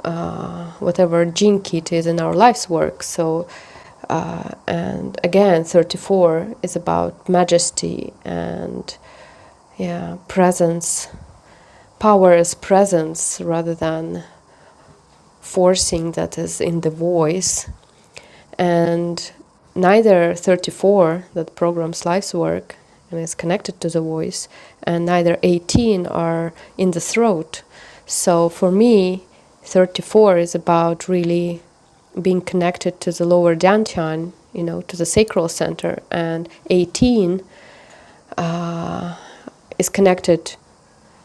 Speaker 2: uh, whatever gene kit is in our life's work. So, uh, and again, 34 is about majesty and yeah, presence. Power is presence rather than forcing that is in the voice and neither 34 that programs life's work and is connected to the voice and neither 18 are in the throat so for me 34 is about really being connected to the lower dantian you know to the sacral center and 18 uh, is connected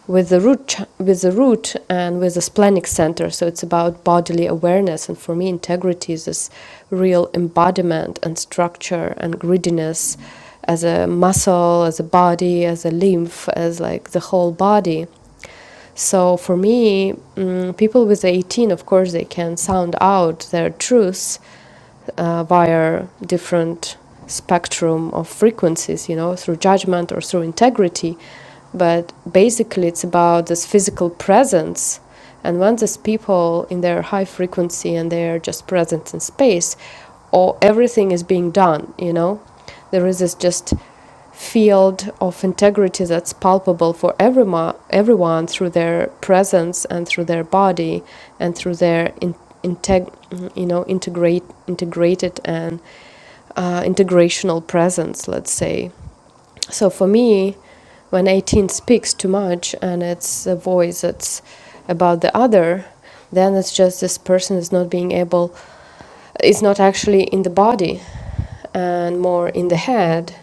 Speaker 2: with the root with the root and with the splenic center so it's about bodily awareness and for me integrity is this real embodiment and structure and grittiness, as a muscle as a body as a lymph as like the whole body so for me, mm, people with 18, of course, they can sound out their truths uh, via different spectrum of frequencies, you know, through judgment or through integrity. But basically, it's about this physical presence. And when these people in their high frequency and they're just present in space, or everything is being done, you know, there is this just field of integrity that's palpable for everyone, everyone through their presence and through their body and through their in, integ, you know, integrate, integrated and uh, integrational presence, let's say. So for me, when 18 speaks too much and it's a voice that's about the other, then it's just this person is not being able, is not actually in the body and more in the head.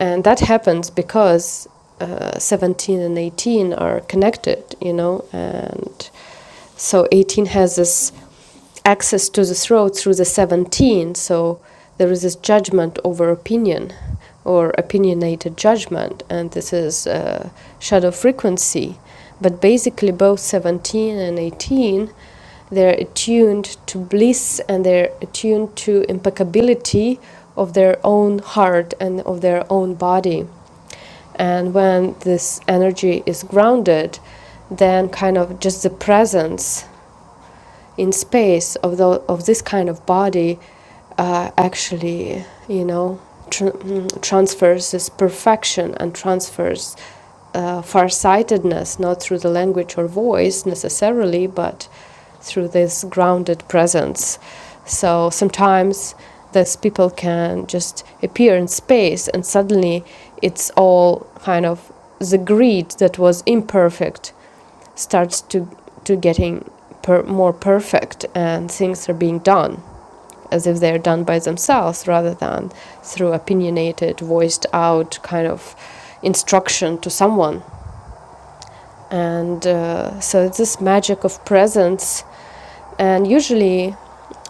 Speaker 2: And that happens because uh, 17 and 18 are connected, you know, and so 18 has this access to the throat through the 17, so there is this judgment over opinion or opinionated judgment, and this is uh, shadow frequency. But basically, both 17 and 18 they're attuned to bliss and they're attuned to impeccability of their own heart and of their own body and when this energy is grounded then kind of just the presence in space of the of this kind of body uh, actually you know tr- mm, transfers this perfection and transfers uh, farsightedness not through the language or voice necessarily but through this grounded presence so sometimes these people can just appear in space and suddenly it's all kind of the greed that was imperfect starts to to getting per, more perfect and things are being done as if they're done by themselves rather than through opinionated voiced out kind of instruction to someone and uh, so it's this magic of presence and usually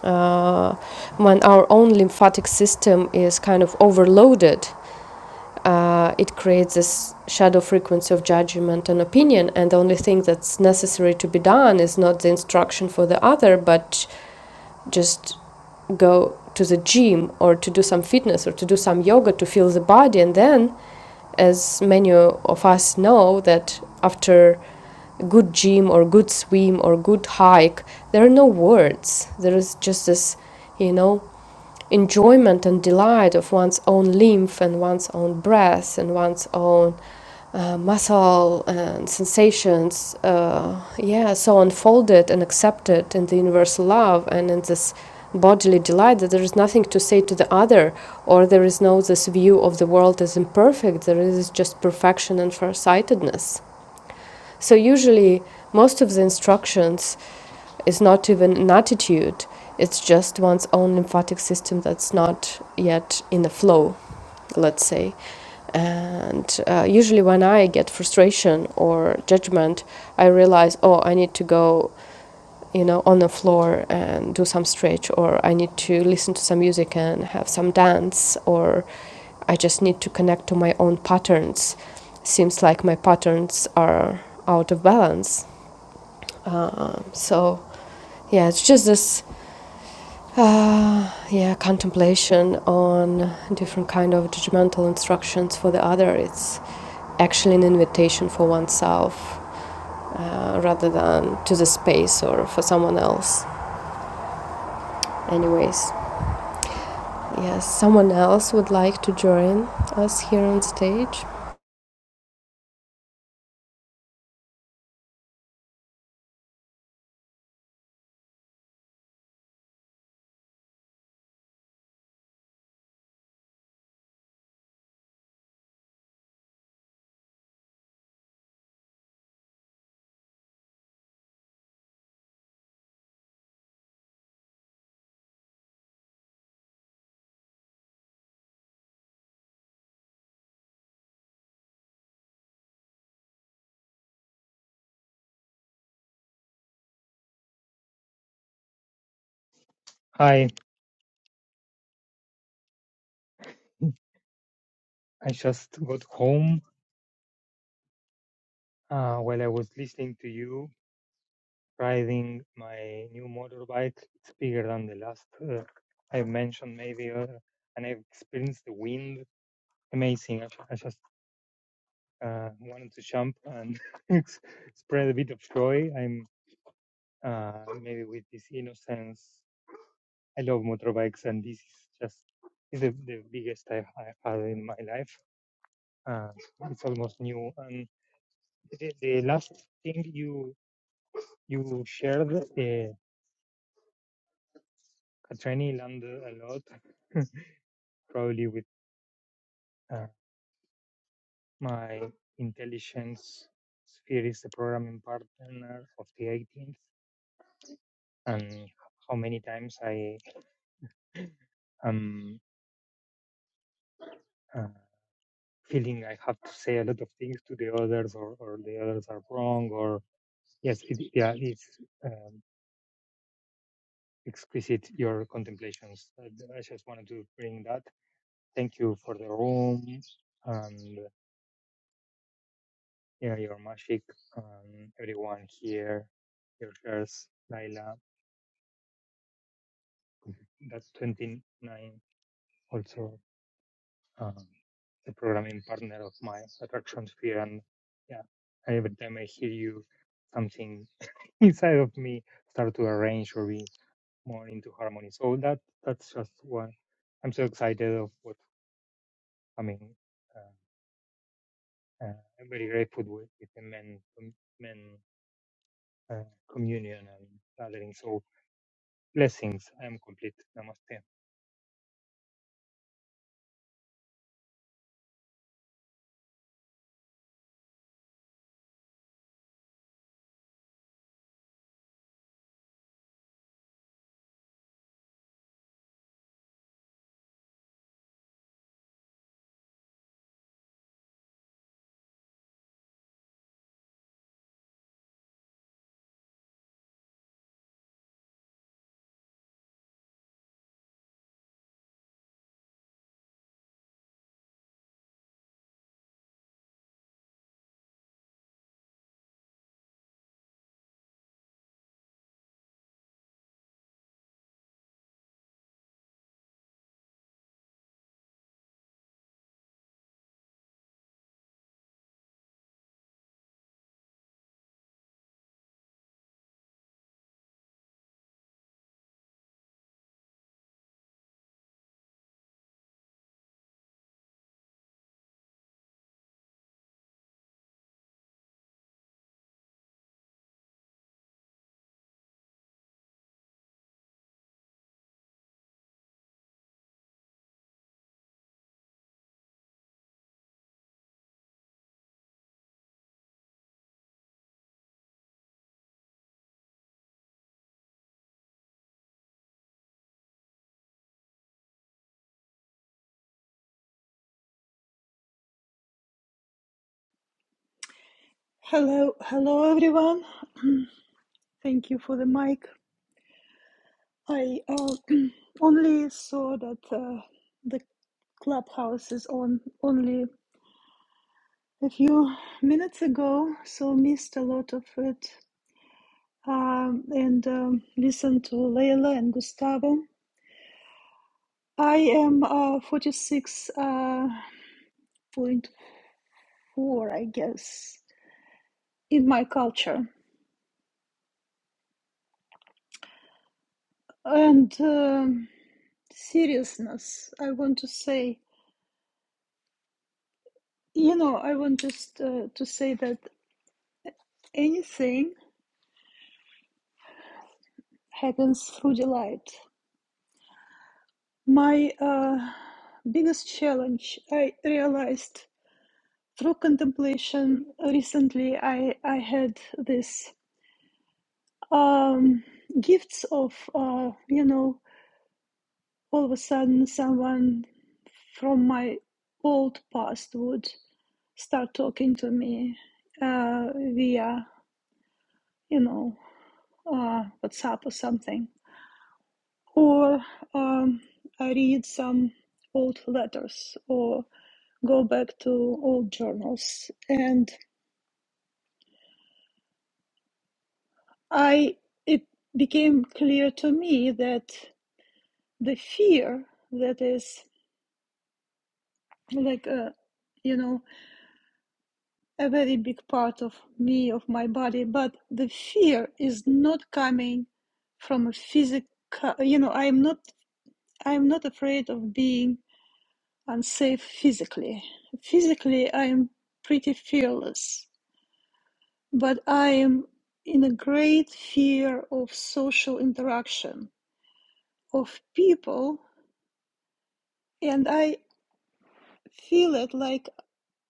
Speaker 2: uh, when our own lymphatic system is kind of overloaded uh, it creates this shadow frequency of judgment and opinion. And the only thing that's necessary to be done is not the instruction for the other, but just go to the gym or to do some fitness or to do some yoga to feel the body. And then, as many of us know, that after good gym or good swim or good hike, there are no words. There is just this, you know, enjoyment and delight of one's own lymph and one's own breath and one's own uh, muscle and sensations, uh, yeah, so unfolded and accepted in the universal love and in this bodily delight that there is nothing to say to the other, or there is no this view of the world as imperfect, there is just perfection and farsightedness. So usually most of the instructions is not even an attitude, it's just one's own lymphatic system that's not yet in the flow, let's say. And uh, usually, when I get frustration or judgment, I realize, oh, I need to go, you know, on the floor and do some stretch, or I need to listen to some music and have some dance, or I just need to connect to my own patterns. Seems like my patterns are out of balance. Uh, so yeah, it's just this uh, yeah contemplation on different kind of judgmental instructions for the other. It's actually an invitation for oneself uh, rather than to the space or for someone else. Anyways, yes, someone else would like to join us here on stage.
Speaker 6: Hi, I just got home uh, while I was listening to you riding my new motorbike. It's bigger than the last uh, I mentioned, maybe, uh, and I've experienced the wind. Amazing. I, I just uh, wanted to jump and [LAUGHS] ex- spread a bit of joy. I'm uh, maybe with this innocence. I love motorbikes, and this is just is the, the biggest I've, I've had in my life. Uh, it's almost new. And the, the last thing you You shared uh, Katrani land a lot, probably with uh, my intelligence sphere is the programming partner of the 18th, and how many times I am uh, feeling I have to say a lot of things to the others, or, or the others are wrong, or yes, it, yeah, it's um, exquisite your contemplations. I I just wanted to bring that. Thank you for the room, and Yeah, your Mashik, um, everyone here, your girls, Laila, that's 29, also um, the programming partner of my attraction sphere. And yeah, every time I hear you, something [LAUGHS] inside of me start to arrange or be more into harmony. So that that's just one. I'm so excited of what's coming. Uh, uh, I'm very grateful with, with the men, men uh, communion and gathering. So Blessings. I am complete. Namaste.
Speaker 7: Hello, hello everyone. [CLEARS THROAT] Thank you for the mic. I uh, [CLEARS THROAT] only saw that uh, the clubhouse is on only a few minutes ago, so missed a lot of it um, and um, listened to Leila and Gustavo. I am uh, 46.4, I guess, in my culture. And um seriousness, I want to say. You know, I want just uh, to say that anything happens through delight. My uh, biggest challenge I realized through contemplation recently. I I had this um, gifts of uh, you know all of a sudden someone from my old past would start talking to me uh, via you know uh, WhatsApp or something or um, I read some old letters or go back to old journals. And I it became clear to me that the fear that is like a you know a very big part of me of my body but the fear is not coming from a physical you know i'm not i'm not afraid of being unsafe physically. Physically, I am pretty fearless, but I am in a great fear of social interaction, of people, and I feel it like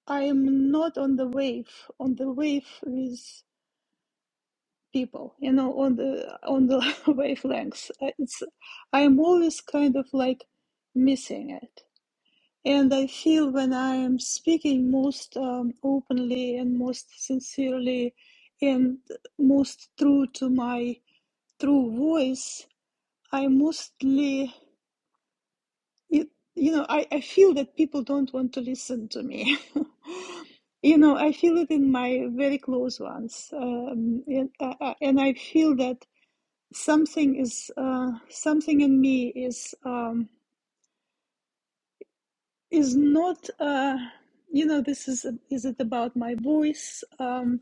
Speaker 7: I am not on the wave, on the wave with people, you know, on the on the [LAUGHS] wavelengths. Uh, It's I am always kind of like missing it. And I feel when I am speaking most um, openly and most sincerely and most true to my true voice, I mostly, you, you know, I, I feel that people don't want to listen to me. [LAUGHS] you know, I feel it in my very close ones. Um, and, uh, uh, and I feel that something is, uh, something in me is, um, is not, uh, you know, this is, is it about my voice? Um,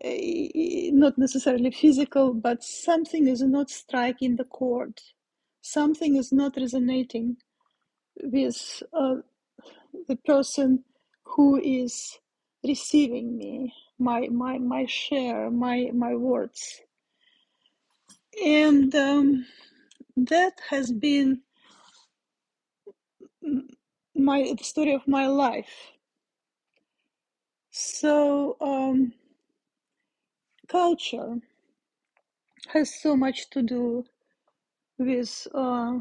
Speaker 7: eh, eh, not necessarily physical, but something is not striking the chord. Something is not resonating with uh, the person who is receiving me, my my my share, my my words, and um, that has been my the story of my life. So um, culture has so much to do with. uh,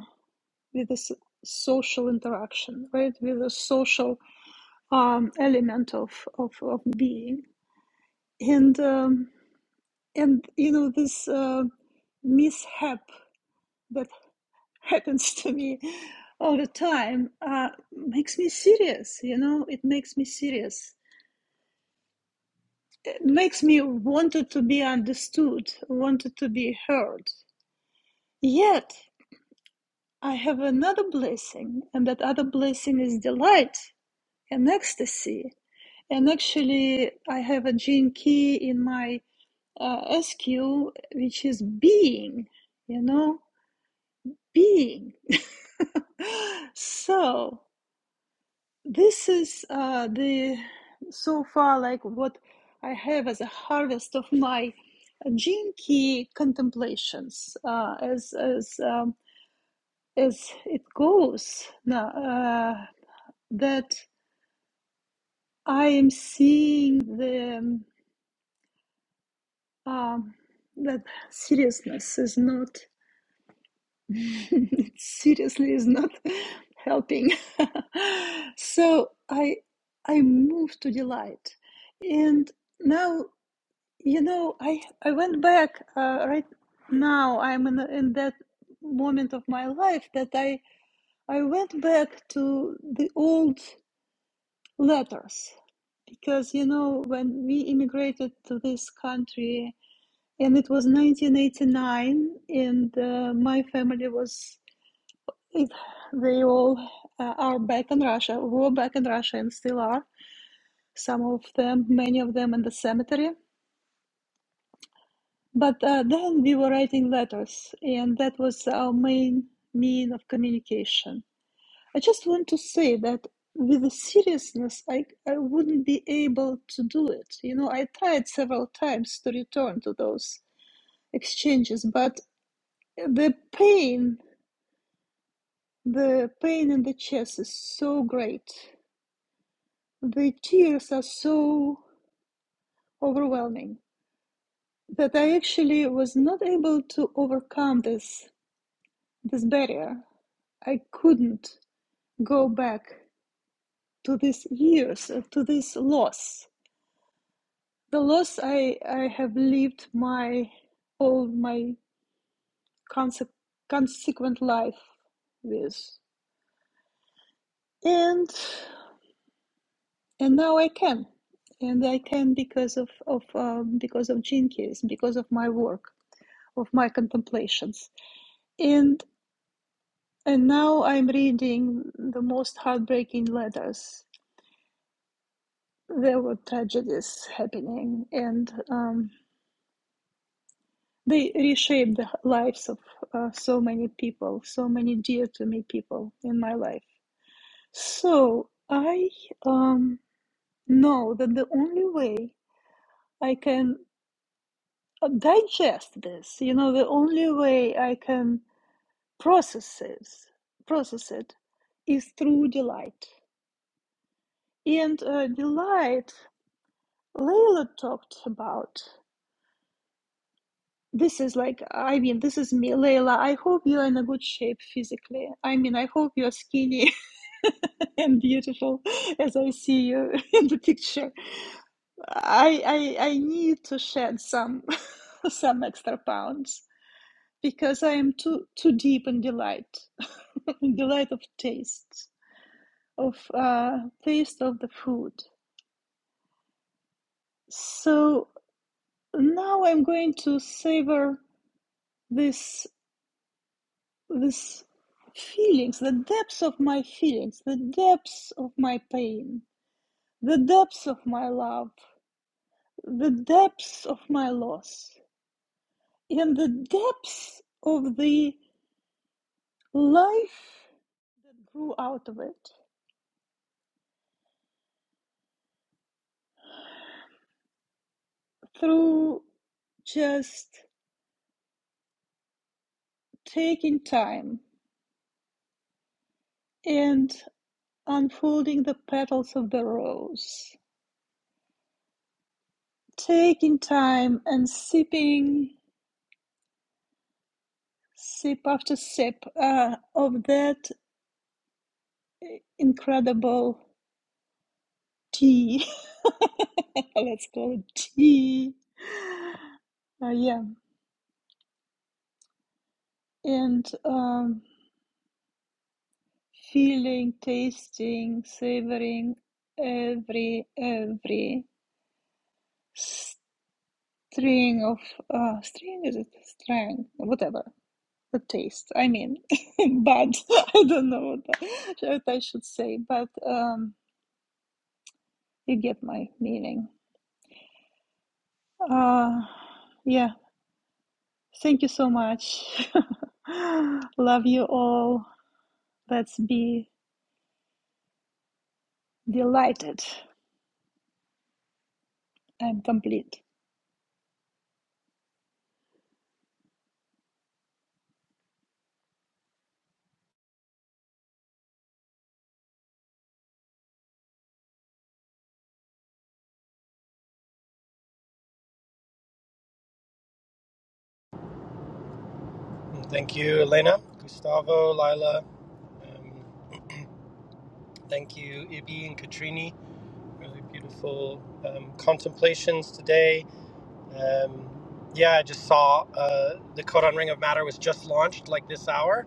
Speaker 7: with this social interaction, right? With a social um, element of, of, of being. And, um, and you know, this uh, mishap that [LAUGHS] happens to me all the time uh, makes me serious, you know, it makes me serious. It makes me wanted to be understood, wanted to be heard. Yet, I have another blessing, and that other blessing is delight and ecstasy And actually, I have a gene key in my uh, SQ, which is being, you know, being. [LAUGHS] so this is uh, the so far like what I have as a harvest of my gene key contemplations uh, as as um, as it goes now uh, that I am seeing the um, um, that seriousness is not [LAUGHS] seriously is not [LAUGHS] helping [LAUGHS] so i i moved to delight and now you know i i went back uh, right now i'm in, in that moment of my life that i i went back to the old letters because you know when we immigrated to this country And it was 1989, and uh, my family was, it, they all uh, are back in Russia, were back in Russia and still are. Some of them, many of them in the cemetery. But uh, then we were writing letters, and that was our main mean of communication. I just want to say that with the seriousness, I, I wouldn't be able to do it. You know, I tried several times to return to those exchanges, but the pain The pain in the chest is so great. The tears are so overwhelming that I actually was not able to overcome this this barrier. I couldn't go back to these years, uh, to this loss. The loss I, I have lived my all my conse- consequent life with. And and now I can, and I can because of of um, because of Jenkins, because of my work, of my contemplations, and and now I'm reading the most heartbreaking letters. There were tragedies happening, and um, they reshaped the lives of uh, so many people, so many dear to me people in my life. So I um, know that the only way I can. uh, digest this. You know, the only way I can process this, process it, is through delight. And uh, delight, Layla talked about. This is like, I mean, this is me, Layla. I hope you're in a good shape physically. I mean, I hope you're skinny [LAUGHS] and beautiful as I see you [LAUGHS] in the picture. I I, I need to shed some [LAUGHS] some extra pounds because I am too too deep in delight. delight of taste, of uh, taste of the food. So now I'm going to savor this this feelings, the depths of my feelings, the depths of my pain, the depths of my love, the depths of my loss, and the depths of the life grew out of it through just taking time and unfolding the petals of the rose, taking time and sipping sip after sip uh, of that incredible tea. [LAUGHS] Let's call it tea. Uh, yeah, and um, feeling, tasting, savoring every every string of uh, string is it string whatever the taste. I mean, [LAUGHS] bad. [LAUGHS] I don't know what, I what I should say, but um, you get my meaning. Uh, yeah, thank you so much. [LAUGHS] Love you all. Let's be delighted. and complete.
Speaker 1: Thank you, Elena, Gustavo, Lila. Um, thank you, Ibi and Katrini. really beautiful um, contemplations today. Um, yeah, I just saw uh, the Koran Ring of Matter was just launched like this hour,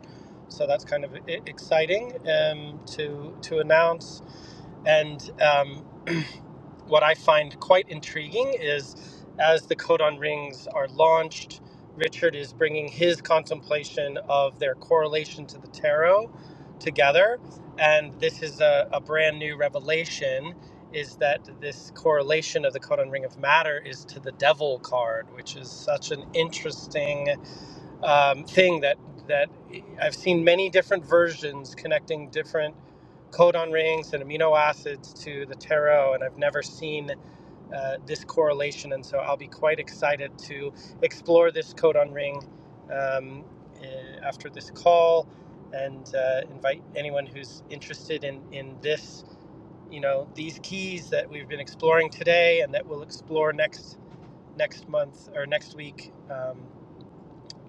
Speaker 1: so that's kind of e- exciting um, to to announce. And um, [CLEARS THROAT] what I find quite intriguing is as the codon rings are launched, Richard is bringing his contemplation of their correlation to the tarot together. And this is a, a brand new revelation is that this correlation of the codon ring of matter is to the devil card, which is such an interesting um, thing that that I've seen many different versions connecting different codon rings and amino acids to the tarot, and I've never seen uh, this correlation. And so I'll be quite excited to explore this codon ring um, uh, after this call and uh, invite anyone who's interested in, in this, you know, these keys that we've been exploring today and that we'll explore next next month or next week um,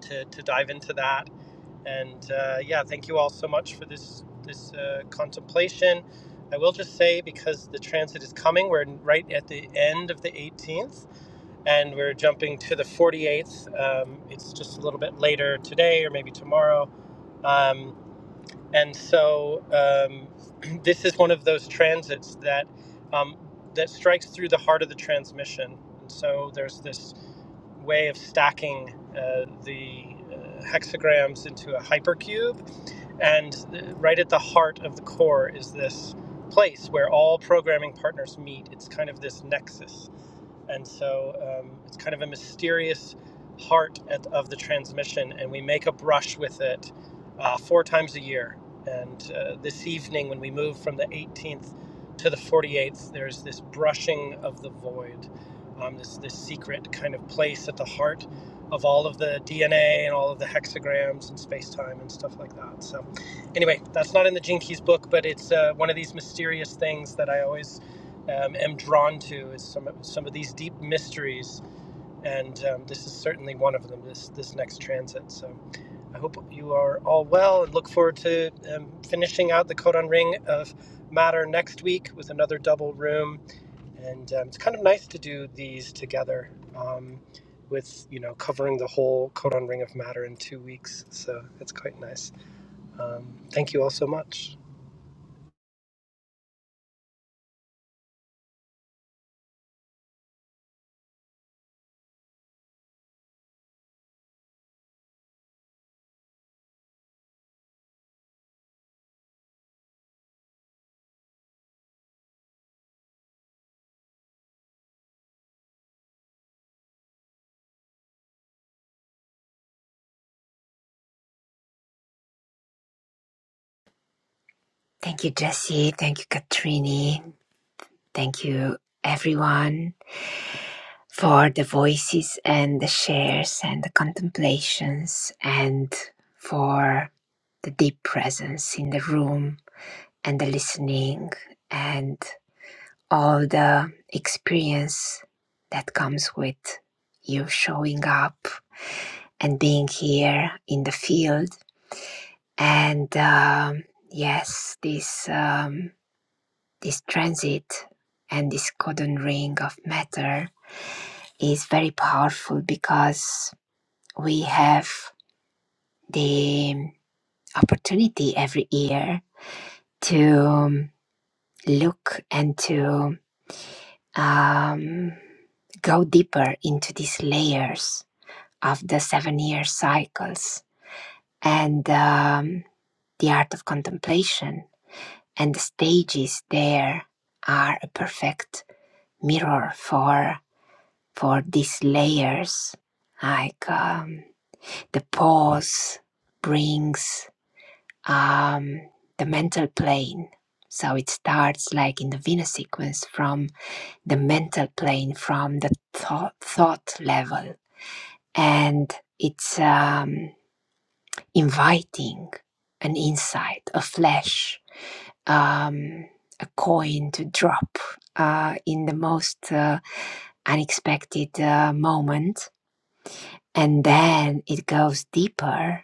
Speaker 1: to, to dive into that. And uh, yeah, thank you all so much for this this uh, completion. I will just say because the transit is coming, we're at the end of the 8th and to the 48th Um, it's just a little bit later today or maybe tomorrow. Um, and um, this is one of the transits that um, that strikes us. And so there's this way of seeing uh, the uh, hexagrams into a hypercube, and uh, right at the heart of the core is this place where all programming partners meet. It's kind of this nexus and so um, it's kind of a mysterious heart at, of the transmission and we make a brush with it uh, four times a year this evening when we move from the 18th to the 48th there's this brushing of the void um, this this secret kind of place at the heart of all of the dna and all of the hexagrams and space-time and stuff like that so anyway that's not in the gene keys book but it's uh, one of these mysterious things that i always um, am drawn to is some of, some of these deep mysteries and um, this is certainly one of them this this next transit so I hope you are all well and look forward to um, finishing out the Codon Ring of Matter next week with another double room. And um, it's kind of nice to do these together um, with, you know, covering the whole Codon Ring of Matter in two weeks. So it's quite nice. Um, thank you all so much.
Speaker 3: Thank you, Jesse. Thank you, Katrini. Thank you, everyone, for the voices and the shares and the contemplations and for the deep presence in the room and the listening and all the experience that comes with you showing up and being here in the field. And um, yes, this. Um, This transit and this codon ring of matter is very powerful because we have the opportunity every year to um, look and to um, go deeper into these layers of the seven year cycles and um, the art of contemplation and the stages there are a perfect mirror for for these layers. Like um, the pause brings um, the mental plane. So it starts like in the Vina sequence from the mental plane, from the thought, thought level. And it's um, inviting an insight, a flash, um, a coin to drop uh, in the most uh, unexpected uh, moment And then it goes deeper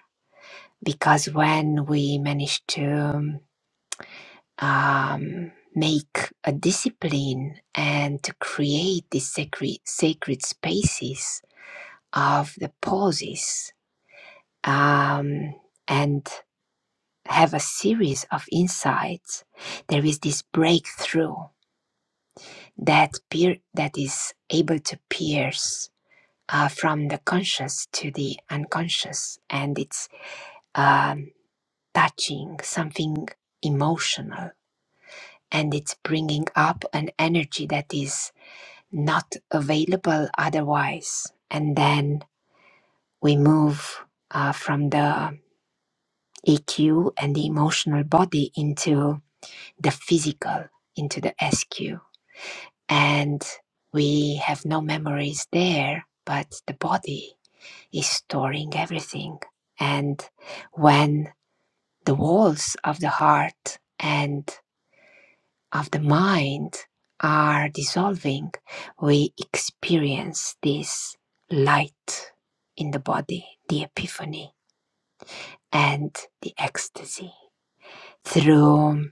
Speaker 3: because when we manage to um, make a discipline and to create these sacred, sacred spaces of the pauses um, and have a series of insights, there is this breakthrough that, peer, that is able to pierce uh, from the conscious to the unconscious. And it's um. touching, something emotional. And it's bringing up an energy that is not available otherwise. And then we move uh, from the EQ and the emotional body into the physical, into the SQ. And we have no memories there, but the body is storing everything. And when the walls of the heart and of the mind are dissolving, we experience this light in the body, the epiphany, and the ecstasy through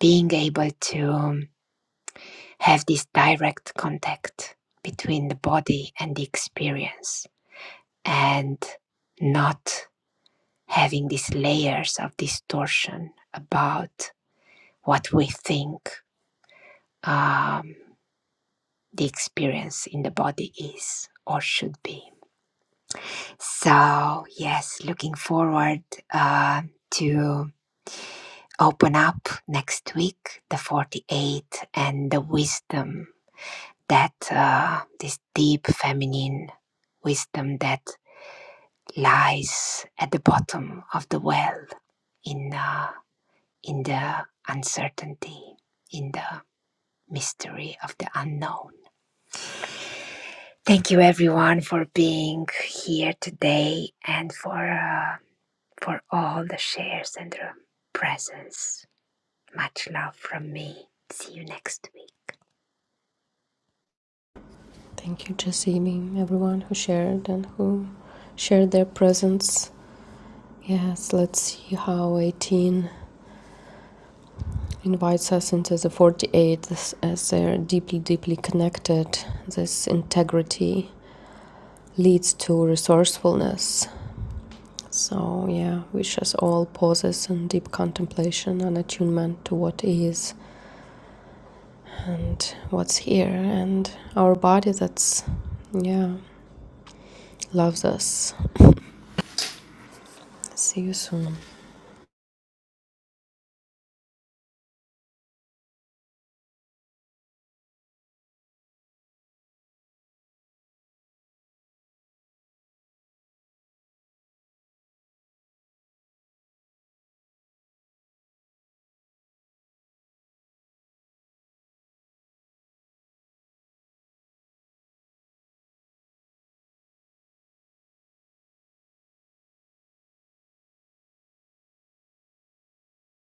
Speaker 3: being able to have this direct contact between the body and the experience and not having these layers of distortion about what we think. um, the experience in the body is or should be. So, yes, looking forward uh, to open up next week the 48 and the wisdom that uh, this deep feminine wisdom that lies at the bottom of the well in uh, in the uncertainty in the mystery of the unknown Thank you, everyone, for being here today and for uh, for all the shares and the presence. Much love from me. See you next week.
Speaker 2: Thank you, Jasimi, everyone who shared and who shared their presence. Yes, let's see how 18 invites us into the 48 as- as they're deeply, deeply connected. This integrity leads to resourcefulness So, yeah, wish us all pauses and deep contemplation and attunement to what is and what's here and our body that's, yeah, loves us. See you soon.